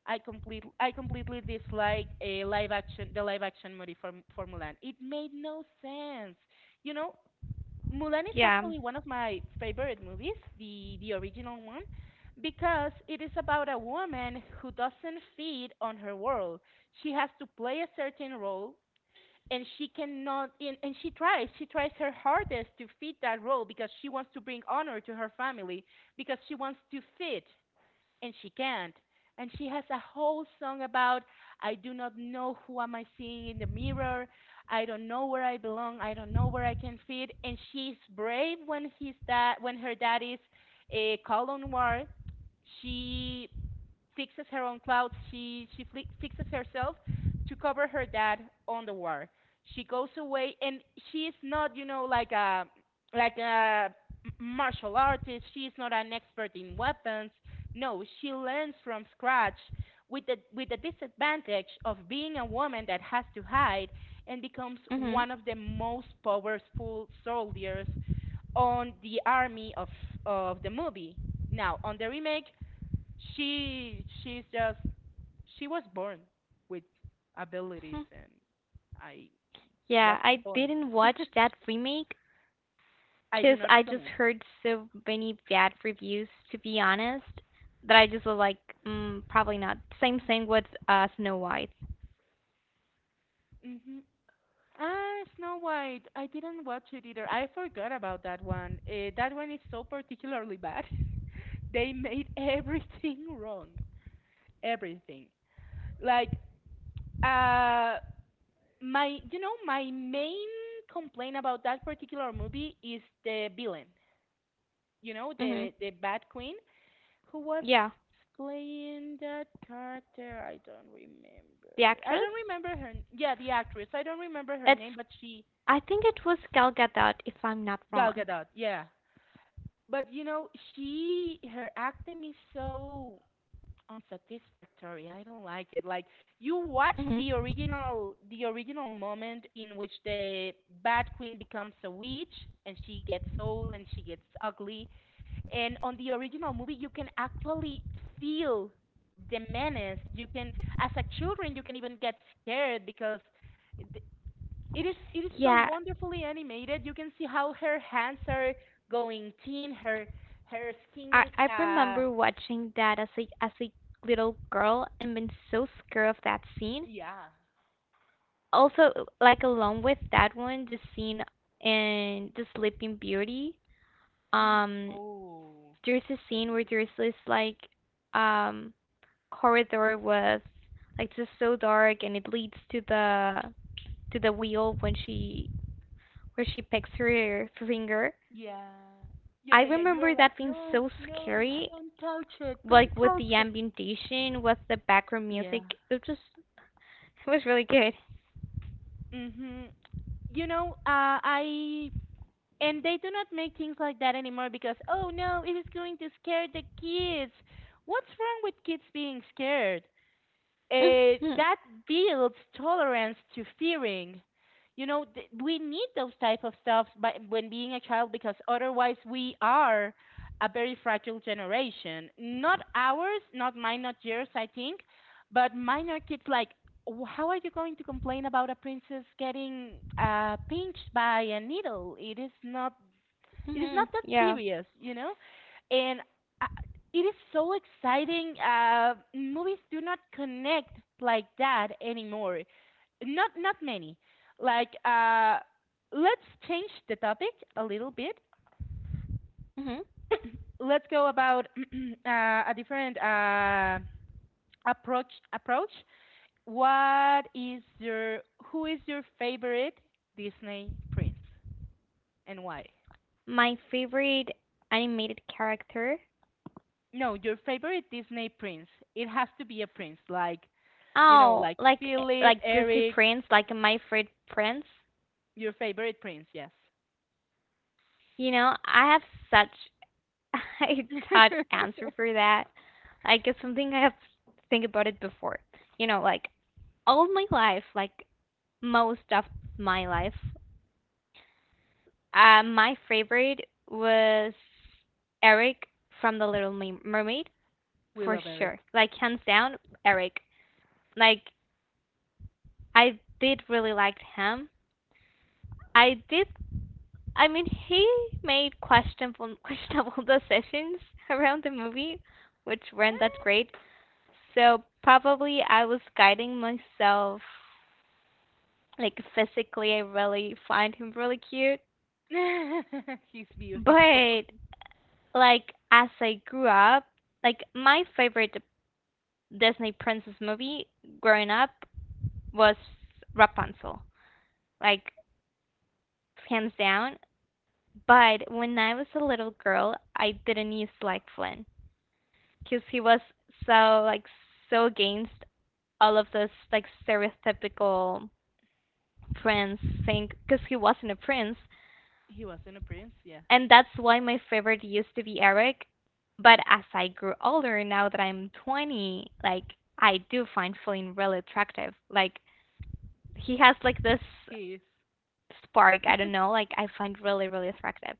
Speaker 1: I completely dislike a live action the live action movie for Mulan. It made no sense. You know, Mulan is
Speaker 2: Yeah.
Speaker 1: actually one of my favorite movies, the original one, because it is about a woman who doesn't fit on her world. She has to play a certain role, and she cannot, and she tries her hardest to fit that role, because she wants to bring honor to her family, because she wants to fit, and she can't. And she has a whole song about, I do not know who am I seeing in the mirror. I don't know where I belong. I don't know where I can fit. And she's brave when his dad when her dad is a colonel war. She fixes her own clothes. She fixes herself to cover her dad on the war. She goes away, and she is not, you know, like a martial artist. She is not an expert in weapons. No, she learns from scratch with the disadvantage of being a woman that has to hide, and becomes
Speaker 2: Mhm.
Speaker 1: one of the most powerful soldiers on the army of the movie. Now, on the remake, she she's just she was born with abilities,
Speaker 2: Hmm.
Speaker 1: and I
Speaker 2: Yeah,
Speaker 1: what's the
Speaker 2: I
Speaker 1: point?
Speaker 2: didn't watch that remake.
Speaker 1: I do
Speaker 2: Because
Speaker 1: not
Speaker 2: I just
Speaker 1: recommend.
Speaker 2: heard so many bad reviews, to be honest, that I just was like, probably not. Same thing with Snow White.
Speaker 1: Hmm. Ah, Snow White. I didn't watch it either. I forgot about that one. That one is so particularly bad. [LAUGHS] They made everything [LAUGHS] wrong. Everything. Like, uh my you know my main complaint about that particular movie is the villain. You know,
Speaker 2: Hmm.
Speaker 1: the bad queen. Who was
Speaker 2: Yeah,
Speaker 1: playing that character? I don't remember.
Speaker 2: the
Speaker 1: I
Speaker 2: actress.
Speaker 1: don't remember her. Yeah, the actress. I don't remember her
Speaker 2: It's
Speaker 1: name, but she
Speaker 2: I think it was Gal Gadot, if I'm not
Speaker 1: Gal
Speaker 2: wrong.
Speaker 1: Gadot. Yeah, but she her acting is so unsatisfactory. I don't like it. Like, you watch
Speaker 2: Hmm.
Speaker 1: the original moment in which the bad queen becomes a witch and she gets old and she gets ugly. And on the original movie, you can actually feel the menace. You can, as a children, you can even get scared, because th- it is so
Speaker 2: Yeah,
Speaker 1: wonderfully animated. You can see how her hands are going thin. Her skin
Speaker 2: I
Speaker 1: is,
Speaker 2: I remember watching that as a little girl and been so scared of that scene.
Speaker 1: yeah.
Speaker 2: Also, like along with that one, the scene in The Sleeping Beauty.
Speaker 1: Mm.
Speaker 2: Um,
Speaker 1: Oh,
Speaker 2: there's a
Speaker 1: great
Speaker 2: scene where
Speaker 1: movie.
Speaker 2: there's this like um corridor with like just so dark and it leads to the wheel when she where she picks her finger.
Speaker 1: Yeah. Yeah,
Speaker 2: I
Speaker 1: yeah, yeah. You're
Speaker 2: remember
Speaker 1: like,
Speaker 2: that being
Speaker 1: no,
Speaker 2: so
Speaker 1: no,
Speaker 2: scary,
Speaker 1: don't touch it, don't
Speaker 2: like with the
Speaker 1: touch it.
Speaker 2: ambientation, with the background
Speaker 1: Yeah.
Speaker 2: music. It just it was really good.
Speaker 1: Mhm. You know, I and they do not make things like that anymore, because oh no, it is going to scare the kids. What's wrong with kids being scared? Uh,
Speaker 2: Mhm.
Speaker 1: that builds tolerance to fearing. We need those type of stuff by, when being a child, because otherwise we are a very fragile generation. Not ours, not mine, not yours, I think, but mine are kids like, "How are you going to complain about a princess getting pinched by a needle? It is not
Speaker 2: Mhm.
Speaker 1: that
Speaker 2: Yeah.
Speaker 1: serious, you know?" And uh, it is so exciting. Movies do not connect like that anymore. Not many. Like, let's change the topic a little bit. [COUGHS]
Speaker 2: Mhm.
Speaker 1: [CLEARS THROAT] Let's go about [COUGHS] [CLEARS THROAT] a different approach. Approach. What is your who is your favorite Disney prince and why?
Speaker 2: My favorite animated character.
Speaker 1: No, your favorite Disney prince. It has to be a prince, like, you know,
Speaker 2: Oh,
Speaker 1: like Philip,
Speaker 2: like Disney
Speaker 1: Eric,
Speaker 2: Prince, like my favorite Prince.
Speaker 1: your favorite prince, yes.
Speaker 2: You know, I have such [LAUGHS] a tad
Speaker 1: [LAUGHS]
Speaker 2: answer for that. Like it's something I have think about it before. You know, like all my life, like most of my life, my favorite was Eric from The Little Mermaid
Speaker 1: We
Speaker 2: for
Speaker 1: love
Speaker 2: sure.
Speaker 1: Eric.
Speaker 2: Like hands down, Eric. Like I did really like him. I did I mean, he made questionable [LAUGHS] decisions around the movie, which weren't that great. So probably I was guiding myself. Like physically, I really find him really cute.
Speaker 1: [LAUGHS] He's beautiful.
Speaker 2: But like as I grew up, like my favorite Disney princess movie growing up was Rapunzel. Like hands down. But when I was a little girl, I didn't used to like Flynn. Because he was so like so against all of this like stereotypical prince thing, because he wasn't a prince,
Speaker 1: He wasn't a prince, yeah.
Speaker 2: and that's why my favorite used to be Eric. But as I grew older, now that I'm 20, like I do find Flynn really attractive. Like he has like this
Speaker 1: He is.
Speaker 2: spark, I don't know, like I find really really attractive.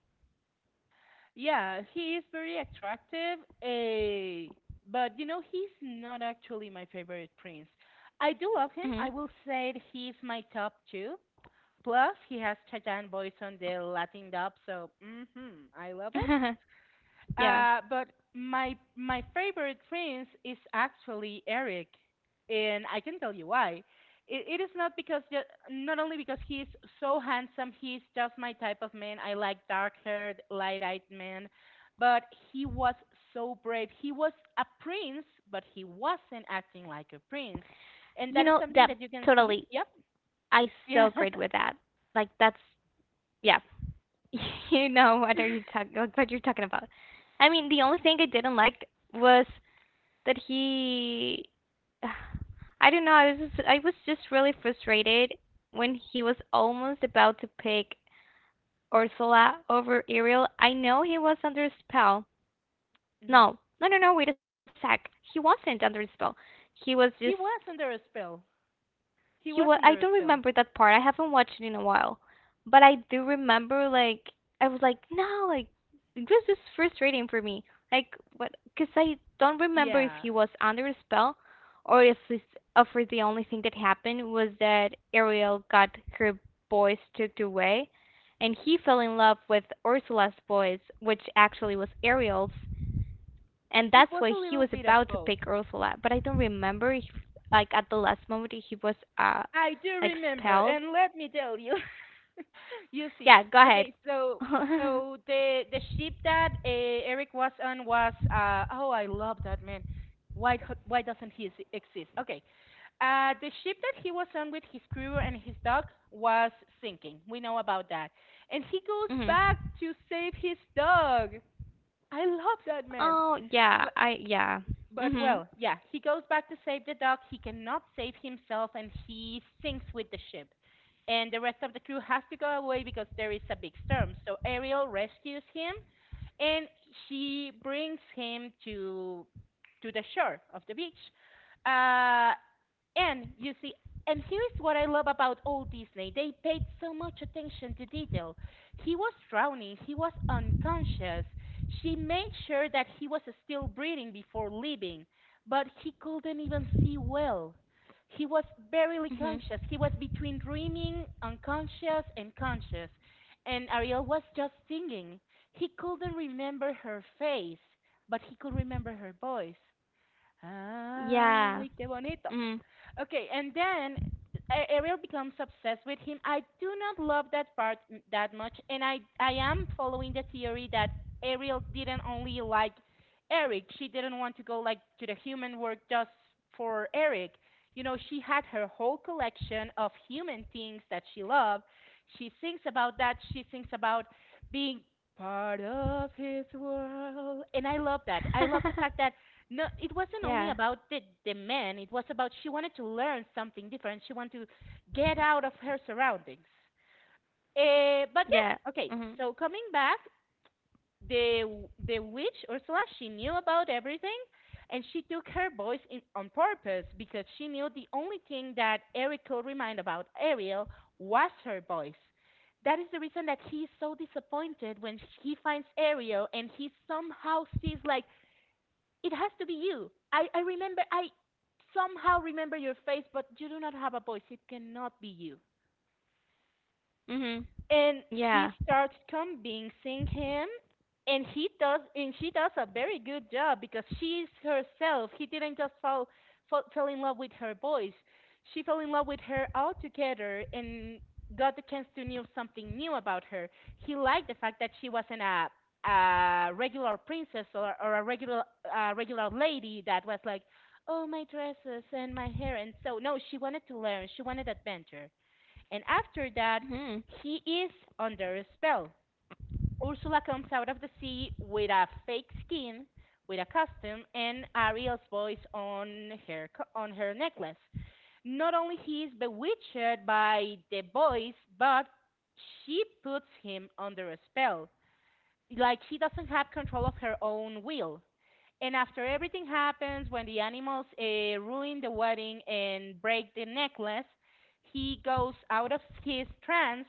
Speaker 1: Yeah, he is very attractive. But he's not actually my favorite prince. I do love him.
Speaker 2: Mm-hmm.
Speaker 1: I will say that he's my top two. Plus, he has Chayanne voice on the Latin dub, so mm-hmm, I love it.
Speaker 2: [LAUGHS] yeah,
Speaker 1: But my favorite prince is actually Eric, and I can tell you why. It is not because not only because he's so handsome, he's just my type of man. I like dark-haired, light-eyed men, but he was so brave. He was a prince, but he wasn't acting like a prince, and
Speaker 2: you
Speaker 1: that is
Speaker 2: know
Speaker 1: something
Speaker 2: that,
Speaker 1: that you can see.
Speaker 2: totally,
Speaker 1: Yep,
Speaker 2: I
Speaker 1: [LAUGHS]
Speaker 2: so
Speaker 1: yeah.
Speaker 2: agree with that. Like that's yeah. [LAUGHS] You know what are you talking like what you're talking about. I mean, the only thing I didn't like was that he [SIGHS] I don't know, I was just really frustrated when he was almost about to pick Ursula over Ariel. I know he was under a spell.
Speaker 1: Mhm.
Speaker 2: No. No, no, no, wait a sec. He wasn't under a spell. He was just
Speaker 1: He was under a spell. He
Speaker 2: He
Speaker 1: was
Speaker 2: was. I
Speaker 1: under a
Speaker 2: don't
Speaker 1: spell.
Speaker 2: remember that part. I haven't watched it in a while, but I do remember like I was like, no, like it was just frustrating for me. Like what? Because I don't remember if
Speaker 1: Yeah.
Speaker 2: he was under a spell, or if this, if the only thing that happened was that Ariel got her boys took away, and he fell in love with Ursula's boys, which actually was Ariel's, and
Speaker 1: It
Speaker 2: that's
Speaker 1: was a
Speaker 2: why he
Speaker 1: little
Speaker 2: was
Speaker 1: bit of
Speaker 2: about to
Speaker 1: both.
Speaker 2: pick Ursula. But I don't remember if, like, at the last moment he was
Speaker 1: I do
Speaker 2: like
Speaker 1: remember,
Speaker 2: expelled.
Speaker 1: and let me tell you, [LAUGHS] you see.
Speaker 2: Yeah, go ahead.
Speaker 1: Okay, so
Speaker 2: [LAUGHS]
Speaker 1: the ship that Eric was on was, oh, I love that man. Why why doesn't he exist? Okay, the ship that he was on with his crew and his dog was sinking. We know about that, and he goes
Speaker 2: Mhm.
Speaker 1: back to save his dog. I love that man.
Speaker 2: Oh yeah, I yeah.
Speaker 1: But
Speaker 2: Mhm.
Speaker 1: well, yeah, he goes back to save the dog. He cannot save himself, and he sinks with the ship. And the rest of the crew has to go away because there is a big storm. So Ariel rescues him, and she brings him to the shore of the beach. Uh, and you see, and here's what I love about old Disney. They paid so much attention to detail. He was drowning, he was unconscious. She made sure that he was still breathing before leaving, but he couldn't even see well. He was barely
Speaker 2: Mhm.
Speaker 1: conscious. He was between dreaming, unconscious, and conscious. And Ariel was just singing. He couldn't remember her face, but he could remember her voice.
Speaker 2: Yeah.
Speaker 1: Ay, qué bonito.
Speaker 2: Mhm.
Speaker 1: Okay, and then Ariel becomes obsessed with him. I do not love that part that much, and I am following the theory that Ariel didn't only like Eric. She didn't want to go, like, to the human world just for Eric. She had her whole collection of human things that she loved. She thinks about that. She thinks about being part of his world, and I love that. I love the fact
Speaker 2: [LAUGHS]
Speaker 1: that no, it wasn't only
Speaker 2: yeah.
Speaker 1: about the man. It was about she wanted to learn something different. She wanted to get out of her surroundings. But
Speaker 2: Yeah.
Speaker 1: yeah, okay.
Speaker 2: Mhm.
Speaker 1: So coming back, the witch Ursula, she knew about everything, and she took her voice on purpose, because she knew the only thing that Eric could remind about Ariel was her voice. That is the reason that he's so disappointed when he finds Ariel and he somehow sees, like, it has to be you. I remember, I somehow remember your face, but you do not have a voice. It cannot be you.
Speaker 2: Mhm.
Speaker 1: And she
Speaker 2: Yeah.
Speaker 1: starts convincing him, and he does, and she does a very good job because she is herself. He didn't just fall, fall fell in love with her voice. She fell in love with her altogether and got the chance to know something new about her. He liked the fact that she wasn't a regular princess or a regular lady that was like oh my dresses and my hair and so no, she wanted to learn, she wanted adventure. And after that,
Speaker 2: Mhm.
Speaker 1: he is under a spell. Ursula comes out of the sea with a fake skin, with a costume, and Ariel's voice on her necklace. Not only he is bewitched by the voice, but she puts him under a spell. Like she doesn't have control of her own will. And after everything happens, when the animals ruin the wedding and break the necklace, he goes out of his trance,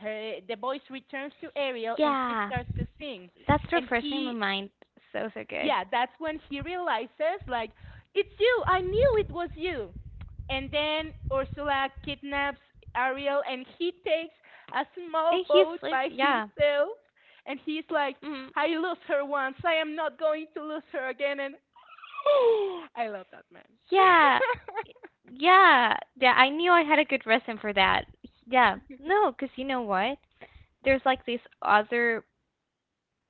Speaker 1: her the voice returns to Ariel and she
Speaker 2: Yeah.
Speaker 1: starts to sing.
Speaker 2: That's
Speaker 1: And
Speaker 2: refreshing my
Speaker 1: he
Speaker 2: mind. So so good.
Speaker 1: yeah, that's when he realizes like it's you. I knew it was you. And then Ursula kidnaps Ariel and he takes a small
Speaker 2: And he
Speaker 1: boat
Speaker 2: sleeps.
Speaker 1: by
Speaker 2: Yeah.
Speaker 1: himself and he's like
Speaker 2: Mhm.
Speaker 1: I lost her once. I am not going to lose her again. And [GASPS] I love that man.
Speaker 2: Yeah,
Speaker 1: [LAUGHS]
Speaker 2: yeah, yeah. I knew I had a good reason for that. Yeah, no, because you know what? There's like these other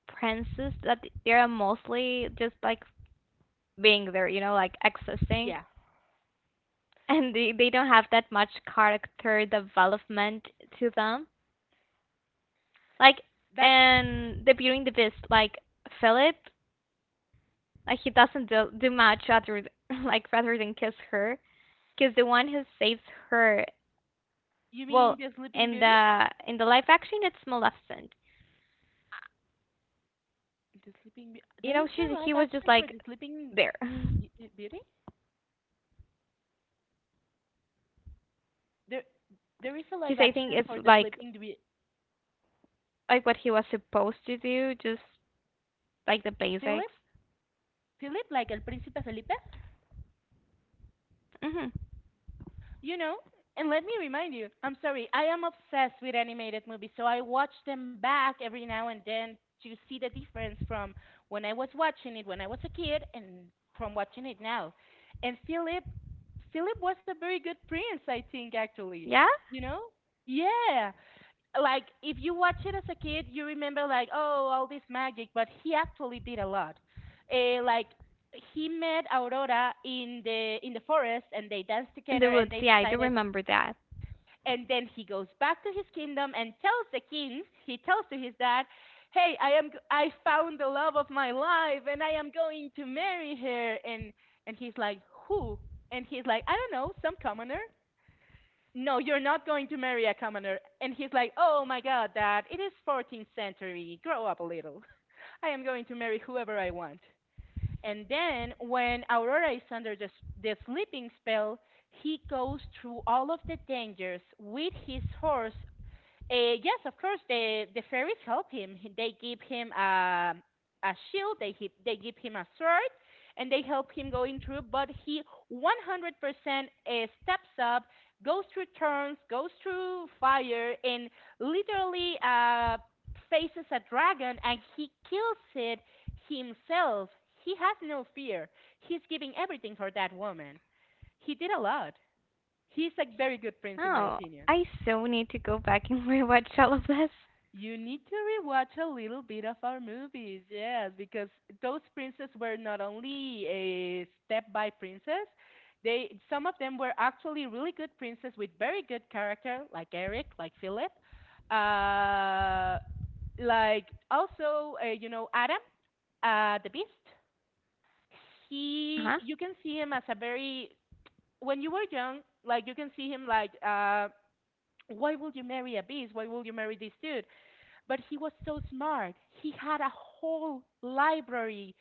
Speaker 2: princes that they are mostly just like being there, you know, like existing.
Speaker 1: Yeah.
Speaker 2: [LAUGHS] And they don't have that much character development to them. Like,
Speaker 1: That
Speaker 2: and the Beauty and the Beast, like Philip, like he doesn't do much other [LAUGHS] like rather than kiss her, because the one who saves her.
Speaker 1: you mean
Speaker 2: Well,
Speaker 1: the Sleeping Beauty?
Speaker 2: in the live action, it's Maleficent.
Speaker 1: The Sleeping Beauty.
Speaker 2: You
Speaker 1: There
Speaker 2: know,
Speaker 1: is
Speaker 2: she
Speaker 1: a
Speaker 2: he
Speaker 1: live
Speaker 2: was just
Speaker 1: action for
Speaker 2: like
Speaker 1: the Sleeping
Speaker 2: there, [LAUGHS] because
Speaker 1: Beauty. There, there is a live
Speaker 2: I think
Speaker 1: action
Speaker 2: it's
Speaker 1: for the
Speaker 2: like
Speaker 1: Sleeping Beauty.
Speaker 2: what he was supposed to do, just like the
Speaker 1: Philip,
Speaker 2: basics.
Speaker 1: Philip, like El Príncipe Felipe,
Speaker 2: Hmm.
Speaker 1: you know. And let me remind you, I'm sorry, I am obsessed with animated movies, so I watch them back every now and then to see the difference from when I was watching it when I was a kid and from watching it now. And Philip was a very good prince, I think, actually.
Speaker 2: Yeah,
Speaker 1: You know? Yeah. Like if you watch it as a kid, you remember like oh all this magic, but he actually did a lot. Like he met Aurora in the forest and they danced
Speaker 2: in
Speaker 1: together
Speaker 2: the
Speaker 1: and
Speaker 2: woods.
Speaker 1: they
Speaker 2: Yeah, I do
Speaker 1: decided,
Speaker 2: remember that.
Speaker 1: and then he goes back to his kingdom and tells the king, he tells to his dad, hey, I found the love of my life and I am going to marry her. And he's like who, and he's like I don't know, some commoner. No, you're not going to marry a commoner. And he's like, oh my god, dad, it is 14th century. Grow up a little. [LAUGHS] I am going to marry whoever I want. And then when Aurora is under the sleeping spell, he goes through all of the dangers with his horse. Yes, of course. The fairies help him. They give him a shield. They give him a sword, and they help him going through. But he 100% steps up, goes through turns, goes through fire, and literally faces a dragon, and he kills it himself. He has no fear. He's giving everything for that woman. He did a lot. He's a very good prince, in my
Speaker 2: Oh,
Speaker 1: opinion.
Speaker 2: I so need to go back [LAUGHS] and rewatch all of this.
Speaker 1: You need to rewatch a little bit of our movies, yes, because those princes were not only a step by princess, they some of them were actually really good princes with very good character, like Eric, like Philip, uh, like also you know Adam, the Beast. He,
Speaker 2: Huh?
Speaker 1: you can see him as a very when you were young, like you can see him like why would you marry a beast? Why will you marry this dude? But he was so smart. He had a whole library.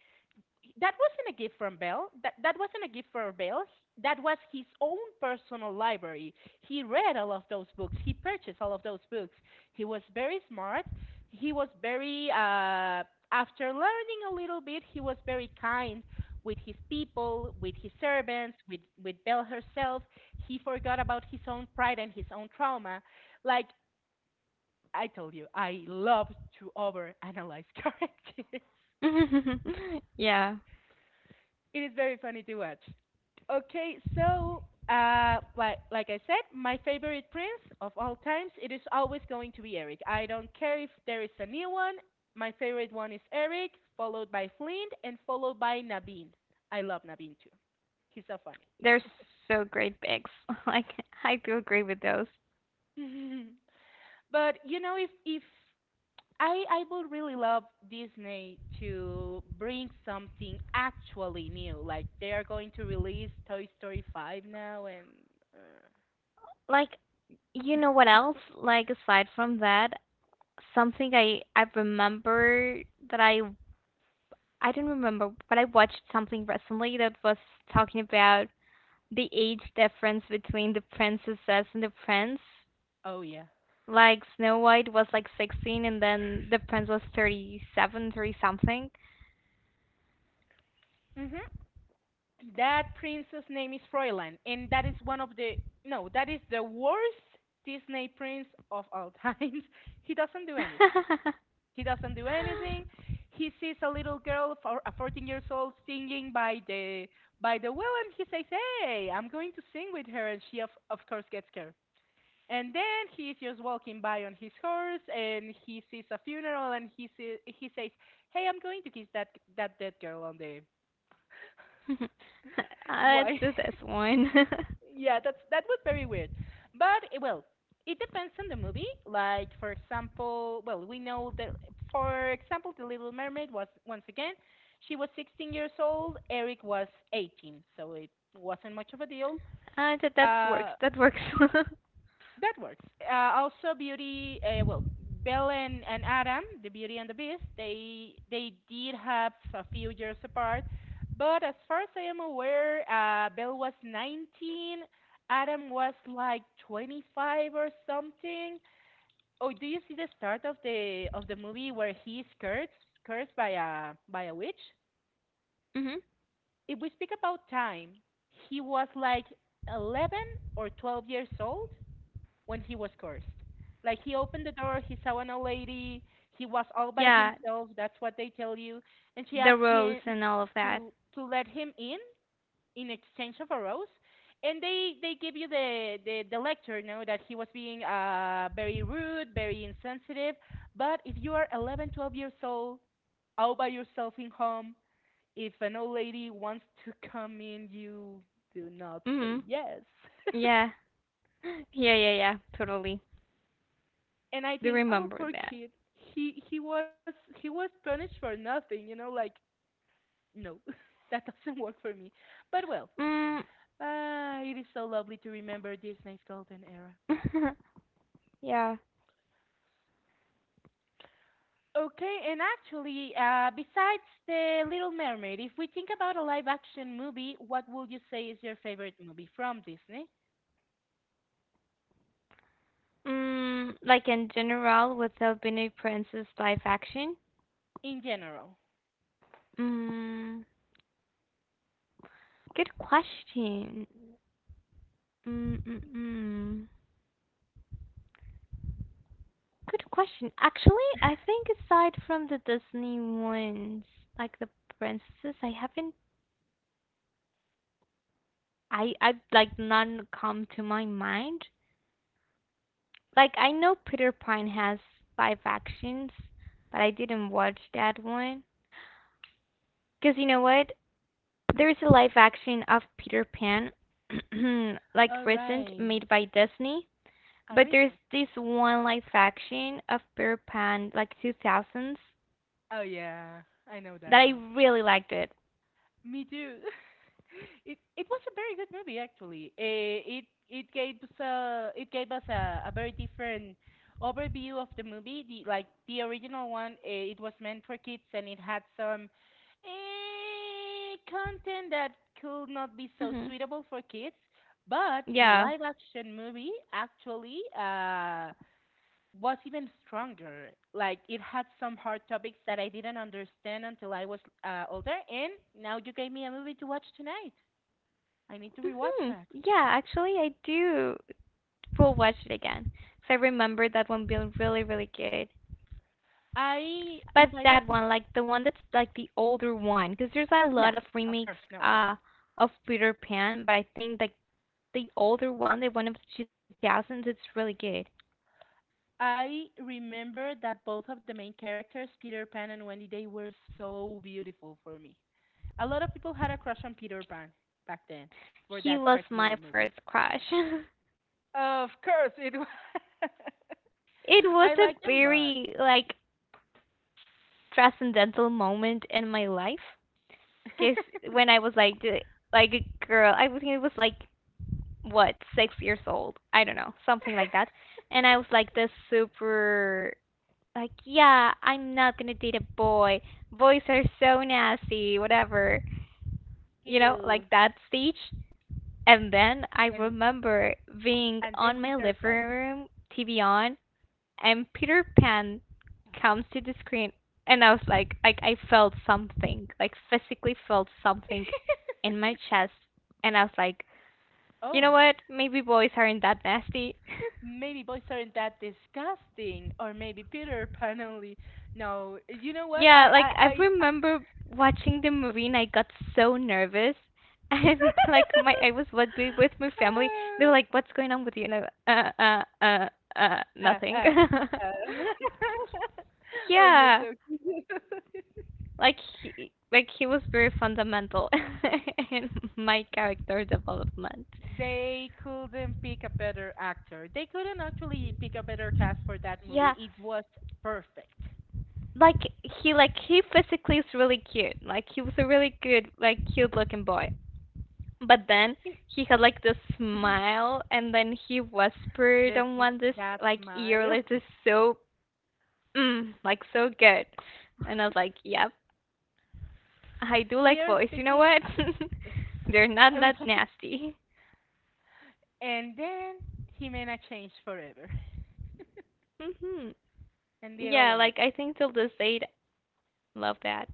Speaker 1: That wasn't a gift from Bell. That wasn't a gift for Bell. That was his own personal library. He read all of those books. He purchased all of those books. He was very smart. He was very after learning a little bit, he was very kind with his people, with his servants, with Belle herself. He forgot about his own pride and his own trauma. Like I told you, I love to overanalyze characters.
Speaker 2: [LAUGHS] yeah,
Speaker 1: [LAUGHS] It is very funny to watch. Okay, so like I said, my favorite prince of all times, it is always going to be Eric. I don't care if there is a new one. My favorite one is Eric, followed by Flint, and followed by Naveen. I love Naveen too. He's so funny.
Speaker 2: they're so great picks. [LAUGHS] Like I do agree with those.
Speaker 1: [LAUGHS] But you know, if I would really love Disney to bring something actually new. Like they are going to release Toy Story 5 now and uh,
Speaker 2: Like you know what else? Like aside from that, something I remember that I don't remember, but I watched something recently that was talking about the age difference between the princesses and the prince.
Speaker 1: oh yeah.
Speaker 2: Like Snow White was like 16 and then the prince was 3730 something.
Speaker 1: Mhm. That princess name is Froilan and that is one of the no, that is the worst Disney prince of all times. [LAUGHS] He doesn't do anything. He doesn't do anything.
Speaker 2: [LAUGHS]
Speaker 1: He sees a little girl, a 14 years old, singing by the well, and he says, "Hey, I'm going to sing with her," and she of course gets scared. And then he's just walking by on his horse, and he sees a funeral, and he says, "Hey, I'm going to kiss that dead girl on the [LAUGHS]
Speaker 2: Let's
Speaker 1: why.
Speaker 2: do this one. [LAUGHS]
Speaker 1: Yeah, that was very weird. But eh, well, it depends on the movie. Like for example, well, we know that for example, The Little Mermaid was once again, she was 16 years old, Eric was 18, so it wasn't much of a deal.
Speaker 2: That that works.
Speaker 1: Uh,
Speaker 2: That works. [LAUGHS]
Speaker 1: that works. Also, Beauty, well, Belle and Adam, the Beauty and the Beast, they did have a few years apart, but as far as I am aware, Belle was 19, Adam was like 25 or something. Oh, do you see the start of the movie where he's cursed by a witch?
Speaker 2: Hmm.
Speaker 1: If we speak about time, he was like 11 or 12 years old when he was cursed. Like he opened the door, he saw an old lady, he was all by
Speaker 2: Yeah,
Speaker 1: himself, that's what they tell you. And she
Speaker 2: the
Speaker 1: asked
Speaker 2: rose
Speaker 1: him
Speaker 2: and all of that.
Speaker 1: to let him in exchange of a rose. And they give you the lecture, you know, that he was being very rude, very insensitive. But if you are 11, 12 years old, all by yourself in home, if an old lady wants to come in, you do not say
Speaker 2: Hmm.
Speaker 1: yes. [LAUGHS]
Speaker 2: Yeah. [LAUGHS] Yeah, yeah, yeah, totally.
Speaker 1: And I
Speaker 2: Do
Speaker 1: think, oh,
Speaker 2: remember
Speaker 1: poor
Speaker 2: that.
Speaker 1: kid. He was punished for nothing, you know. Like no, [LAUGHS] that doesn't work for me. But well,
Speaker 2: Mm.
Speaker 1: ah, it is so lovely to remember Disney's golden era.
Speaker 2: [LAUGHS] yeah.
Speaker 1: Okay, and actually, besides the Little Mermaid, if we think about a live-action movie, what would you say is your favorite movie from Disney
Speaker 2: Mm, like in general, with the Albino Princess live action?
Speaker 1: in general?
Speaker 2: Mm, good question. Mm, mm, mm. Good question. Actually, I think aside from the Disney ones, like the princesses, I haven't, I like none come to my mind. Like I know Peter Pan has live actions, but I didn't watch that one. Because you know what? There's a live action of Peter Pan, [CLEARS THROAT] like
Speaker 1: All
Speaker 2: recent,
Speaker 1: right,
Speaker 2: made by Disney. But there's
Speaker 1: Arisa.
Speaker 2: this one live action of Peter Pan, like 2000s,
Speaker 1: Oh yeah, I know that
Speaker 2: that I
Speaker 1: one.
Speaker 2: really liked it.
Speaker 1: Me too. [LAUGHS] It was a very good movie actually. Eh, it gave us a a very different overview of the movie. The like the original one, eh, it was meant for kids and it had some eh, content that could not be so
Speaker 2: Hmm.
Speaker 1: suitable for kids. But the
Speaker 2: Yeah.
Speaker 1: live action movie actually was even stronger. Like it had some hard topics that I didn't understand until I was older, and now you gave me a movie to watch tonight. I need to rewatch
Speaker 2: Hmm.
Speaker 1: that.
Speaker 2: Yeah, actually, I do. We'll watch it again. Again. 'Cause I remember that one being really, really good.
Speaker 1: I, if
Speaker 2: But
Speaker 1: I don't,
Speaker 2: that
Speaker 1: if-
Speaker 2: one, like the one that's like the older one, because there's a
Speaker 1: yeah,
Speaker 2: lot of
Speaker 1: of
Speaker 2: remakes
Speaker 1: course, no, yeah.
Speaker 2: of Peter Pan, but I think like the older one, the one of the 2000s. It's really good.
Speaker 1: I remember that both of the main characters, Peter Pan and Wendy, they were so beautiful for me. A lot of people had a crush on Peter Pan back then for
Speaker 2: He
Speaker 1: that
Speaker 2: was
Speaker 1: particular
Speaker 2: my
Speaker 1: movie.
Speaker 2: first crush. [LAUGHS]
Speaker 1: Of course, it was. [LAUGHS]
Speaker 2: It was
Speaker 1: I
Speaker 2: a
Speaker 1: liked them, but
Speaker 2: very like transcendental moment in my life. Cause when I was like a girl, I think it was like what 6 years old. I don't know, something like that. And I was like this super like yeah, I'm not gonna date a boy. Boys are so nasty, whatever. You know,
Speaker 1: ew.
Speaker 2: like that stage. And then I
Speaker 1: And
Speaker 2: remember being
Speaker 1: And then
Speaker 2: on my
Speaker 1: Peter
Speaker 2: living
Speaker 1: Pan. [LAUGHS]
Speaker 2: room, TV on, and Peter Pan comes to the screen, and I was like I felt something, like physically felt something in my chest, and I was like, you
Speaker 1: Oh,
Speaker 2: know what? Maybe boys aren't that nasty. [LAUGHS]
Speaker 1: maybe boys aren't that disgusting, or maybe Peter Pan only. No, you know what?
Speaker 2: Yeah, like I remember watching the movie and I got so nervous. [LAUGHS] And like my I was what with my family. They were like, "What's going on with you?" And I, uh, uh, uh,
Speaker 1: I, uh, uh,
Speaker 2: nothing.
Speaker 1: uh.
Speaker 2: [LAUGHS]
Speaker 1: [LAUGHS] Oh, you're
Speaker 2: Yeah,
Speaker 1: so.
Speaker 2: like he was very fundamental [LAUGHS] in my character development.
Speaker 1: They couldn't pick a better actor. They couldn't actually pick a better cast for that movie.
Speaker 2: Yeah,
Speaker 1: It was perfect.
Speaker 2: like he physically is really cute. Like he was a really good like cute looking boy. But then he had like this smile, and then he whispered
Speaker 1: This,
Speaker 2: on one this
Speaker 1: that
Speaker 2: like ear
Speaker 1: smile.
Speaker 2: like this so mm, like so good, and I was like, yep, I do
Speaker 1: [LAUGHS] We
Speaker 2: like
Speaker 1: are
Speaker 2: boys. You know
Speaker 1: speaking,
Speaker 2: what? [LAUGHS] They're not that
Speaker 1: [LAUGHS]
Speaker 2: nasty.
Speaker 1: and then Jimena changed forever,
Speaker 2: Hmm.
Speaker 1: and Diego
Speaker 2: Yeah,
Speaker 1: wanted.
Speaker 2: like I think till this day, love that.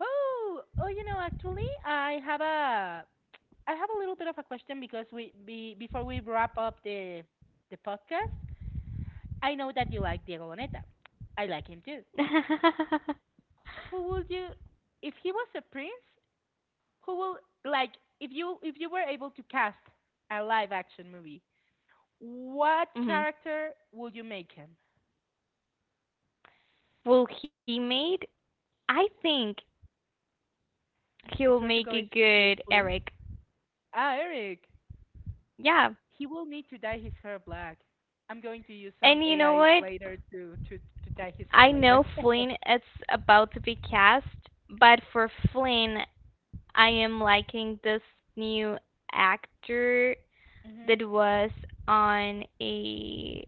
Speaker 1: Oh, oh, you know, actually, I have a little bit of a question because before we wrap up the podcast, I know that you like Diego Boneta. I like him too.
Speaker 2: [LAUGHS]
Speaker 1: Who would you, if he was a prince, who will like if you were able to cast a live action movie, what
Speaker 2: Hmm.
Speaker 1: character would you make him?
Speaker 2: Will he made? I think
Speaker 1: I
Speaker 2: he'll
Speaker 1: swear to
Speaker 2: make
Speaker 1: God,
Speaker 2: a
Speaker 1: if you say
Speaker 2: good
Speaker 1: Flynn.
Speaker 2: Eric.
Speaker 1: Ah, Eric.
Speaker 2: Yeah,
Speaker 1: He will need to dye his hair black. I'm going to use some
Speaker 2: and you know
Speaker 1: AI
Speaker 2: what?
Speaker 1: later to dye his hair
Speaker 2: I
Speaker 1: later.
Speaker 2: know Flynn is about to be cast, but for Flynn, I am liking this new actor
Speaker 1: [LAUGHS] Hmm.
Speaker 2: that was on a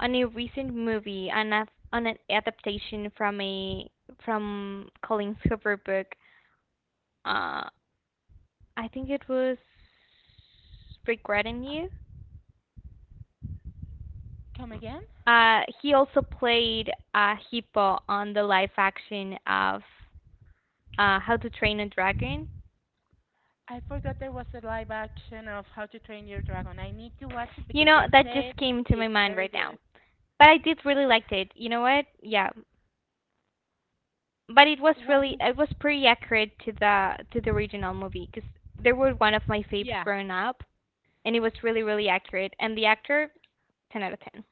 Speaker 2: on a recent movie on a, on an adaptation from a from Colin Hoover book. Uh, I think it was Regretting You.
Speaker 1: Come again?
Speaker 2: He also played Hippo on the live action of How to Train a Dragon.
Speaker 1: I forgot there was a live action of How to Train Your Dragon. I need to watch it
Speaker 2: You
Speaker 1: because
Speaker 2: know,
Speaker 1: they
Speaker 2: that
Speaker 1: said
Speaker 2: just came to my
Speaker 1: it's
Speaker 2: mind
Speaker 1: very
Speaker 2: right now.
Speaker 1: good.
Speaker 2: But I did really liked it. You know what? Yeah. But it was pretty accurate to the original movie because they were one of my faves
Speaker 1: Yeah.
Speaker 2: growing up, and it was really really accurate. And the actor, ten out of ten.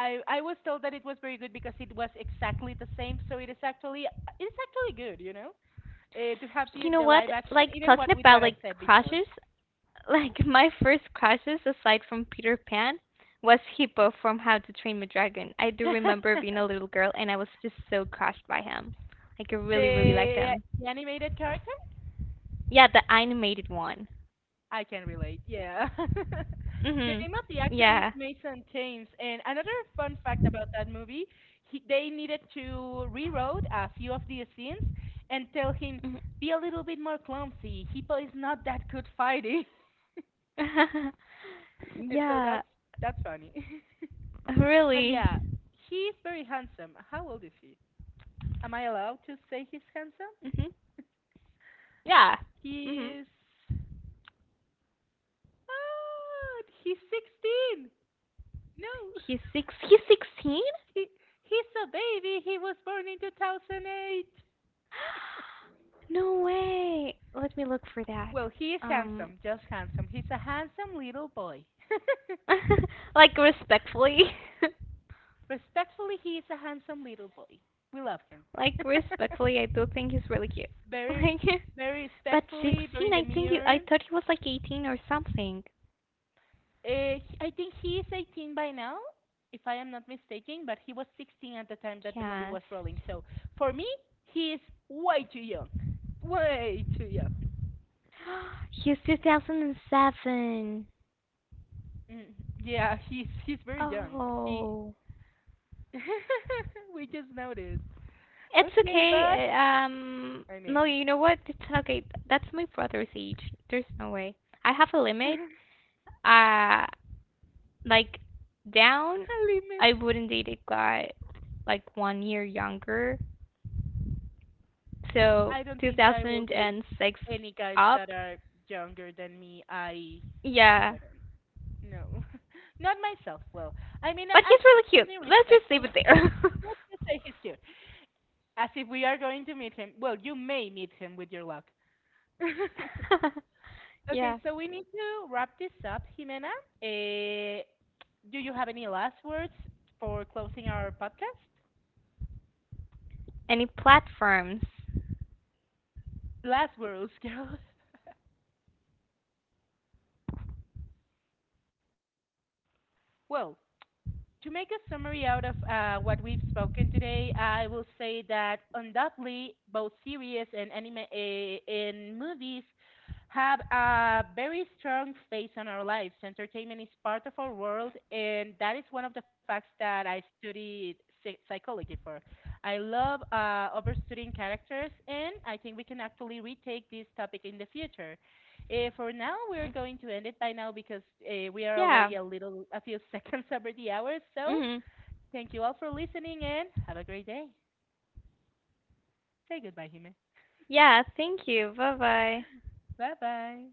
Speaker 1: I was told that it was very good because it was exactly the same, so it's actually good, you know, to have the
Speaker 2: You know what?
Speaker 1: live action,
Speaker 2: Like
Speaker 1: even
Speaker 2: talking
Speaker 1: what with
Speaker 2: about
Speaker 1: what I
Speaker 2: like
Speaker 1: said before.
Speaker 2: crushes, [LAUGHS] like my first crushes aside from Peter Pan was Hippo from How to Train a Dragon. I do
Speaker 1: [LAUGHS]
Speaker 2: remember
Speaker 1: the,
Speaker 2: being a little girl and I was just so crushed by him. Like I really really liked
Speaker 1: the
Speaker 2: him.
Speaker 1: animated character,
Speaker 2: Yeah, the animated one.
Speaker 1: I can relate. Yeah. [LAUGHS] The
Speaker 2: Mhm.
Speaker 1: name of the actor is
Speaker 2: Yeah.
Speaker 1: Mason Thames. And another fun fact about that movie, he, they needed to rewrote a few of the scenes and tell him
Speaker 2: Mhm.
Speaker 1: be a little bit more clumsy. Hippo is not that good fighting. [LAUGHS]
Speaker 2: [LAUGHS]
Speaker 1: And so
Speaker 2: Yeah,
Speaker 1: that's funny. [LAUGHS] But
Speaker 2: really.
Speaker 1: yeah, he's very handsome. How old is he? Am I allowed to say he's handsome?
Speaker 2: Mhm. Yeah. Mhm.
Speaker 1: He's he's 16. No.
Speaker 2: He's six. He's 16?
Speaker 1: He he's a baby. He was born in 2008.
Speaker 2: [GASPS] No way. Let me look for that.
Speaker 1: Well, he is
Speaker 2: Um,
Speaker 1: handsome, just handsome. He's a handsome little boy. [LAUGHS]
Speaker 2: [LAUGHS] like respectfully, [LAUGHS]
Speaker 1: Respectfully, he is a handsome little boy. We love him.
Speaker 2: like respectfully, I do think he's really cute. [LAUGHS]
Speaker 1: Very
Speaker 2: Like,
Speaker 1: Very
Speaker 2: but
Speaker 1: respectfully,
Speaker 2: 16,
Speaker 1: very
Speaker 2: I think he, I
Speaker 1: demure.
Speaker 2: thought he was like 18 or something.
Speaker 1: I think he is 18 by now, if I am not mistaken, but he was 16 at the time that the movie was
Speaker 2: Cast.
Speaker 1: rolling. So for me, he is way too young. Way too young.
Speaker 2: [GASPS] He's 2007.
Speaker 1: Mm, yeah, he's very young. He
Speaker 2: Oh,
Speaker 1: [LAUGHS] we just noticed.
Speaker 2: it's
Speaker 1: Okay, but
Speaker 2: okay. uh, Um,
Speaker 1: I
Speaker 2: no,
Speaker 1: mean,
Speaker 2: you know what? It's not okay. That's my brother's age. There's no way. I have a limit. Uh, like down, I wouldn't date a guy like one year younger. So
Speaker 1: I don't think I will date
Speaker 2: 2006
Speaker 1: any guys that
Speaker 2: up.
Speaker 1: are younger than me.
Speaker 2: Yeah,
Speaker 1: I don't know. [LAUGHS] Not myself. Well, I mean,
Speaker 2: but
Speaker 1: I
Speaker 2: he's
Speaker 1: think
Speaker 2: really
Speaker 1: it's
Speaker 2: cute.
Speaker 1: something
Speaker 2: Let's just leave
Speaker 1: respectful.
Speaker 2: it there.
Speaker 1: Let's just say he's cute. As if we are going to meet him. Well, you may meet him with your luck.
Speaker 2: [LAUGHS]
Speaker 1: [LAUGHS] Okay,
Speaker 2: Yeah.
Speaker 1: so we need to wrap this up, Jimena. Uh, do you have any last words for closing our podcast?
Speaker 2: Any platforms?
Speaker 1: Last words, [LAUGHS] girl. Well, to make a summary out of what we've spoken today, I will say that undoubtedly both series and anime eh, and movies have a very strong face on our lives. Entertainment is part of our world, and that is one of the facts that I studied psychology for. I love overstudying characters, and I think we can actually retake this topic in the future. For now, we're
Speaker 2: Mm.
Speaker 1: going to end it by now because we are
Speaker 2: Yeah.
Speaker 1: already a few [LAUGHS] seconds over the hour. So,
Speaker 2: Mhm.
Speaker 1: thank you all for listening, and have a great day. Say goodbye, Hime.
Speaker 2: Yeah, thank you. Bye bye.
Speaker 1: Bye bye.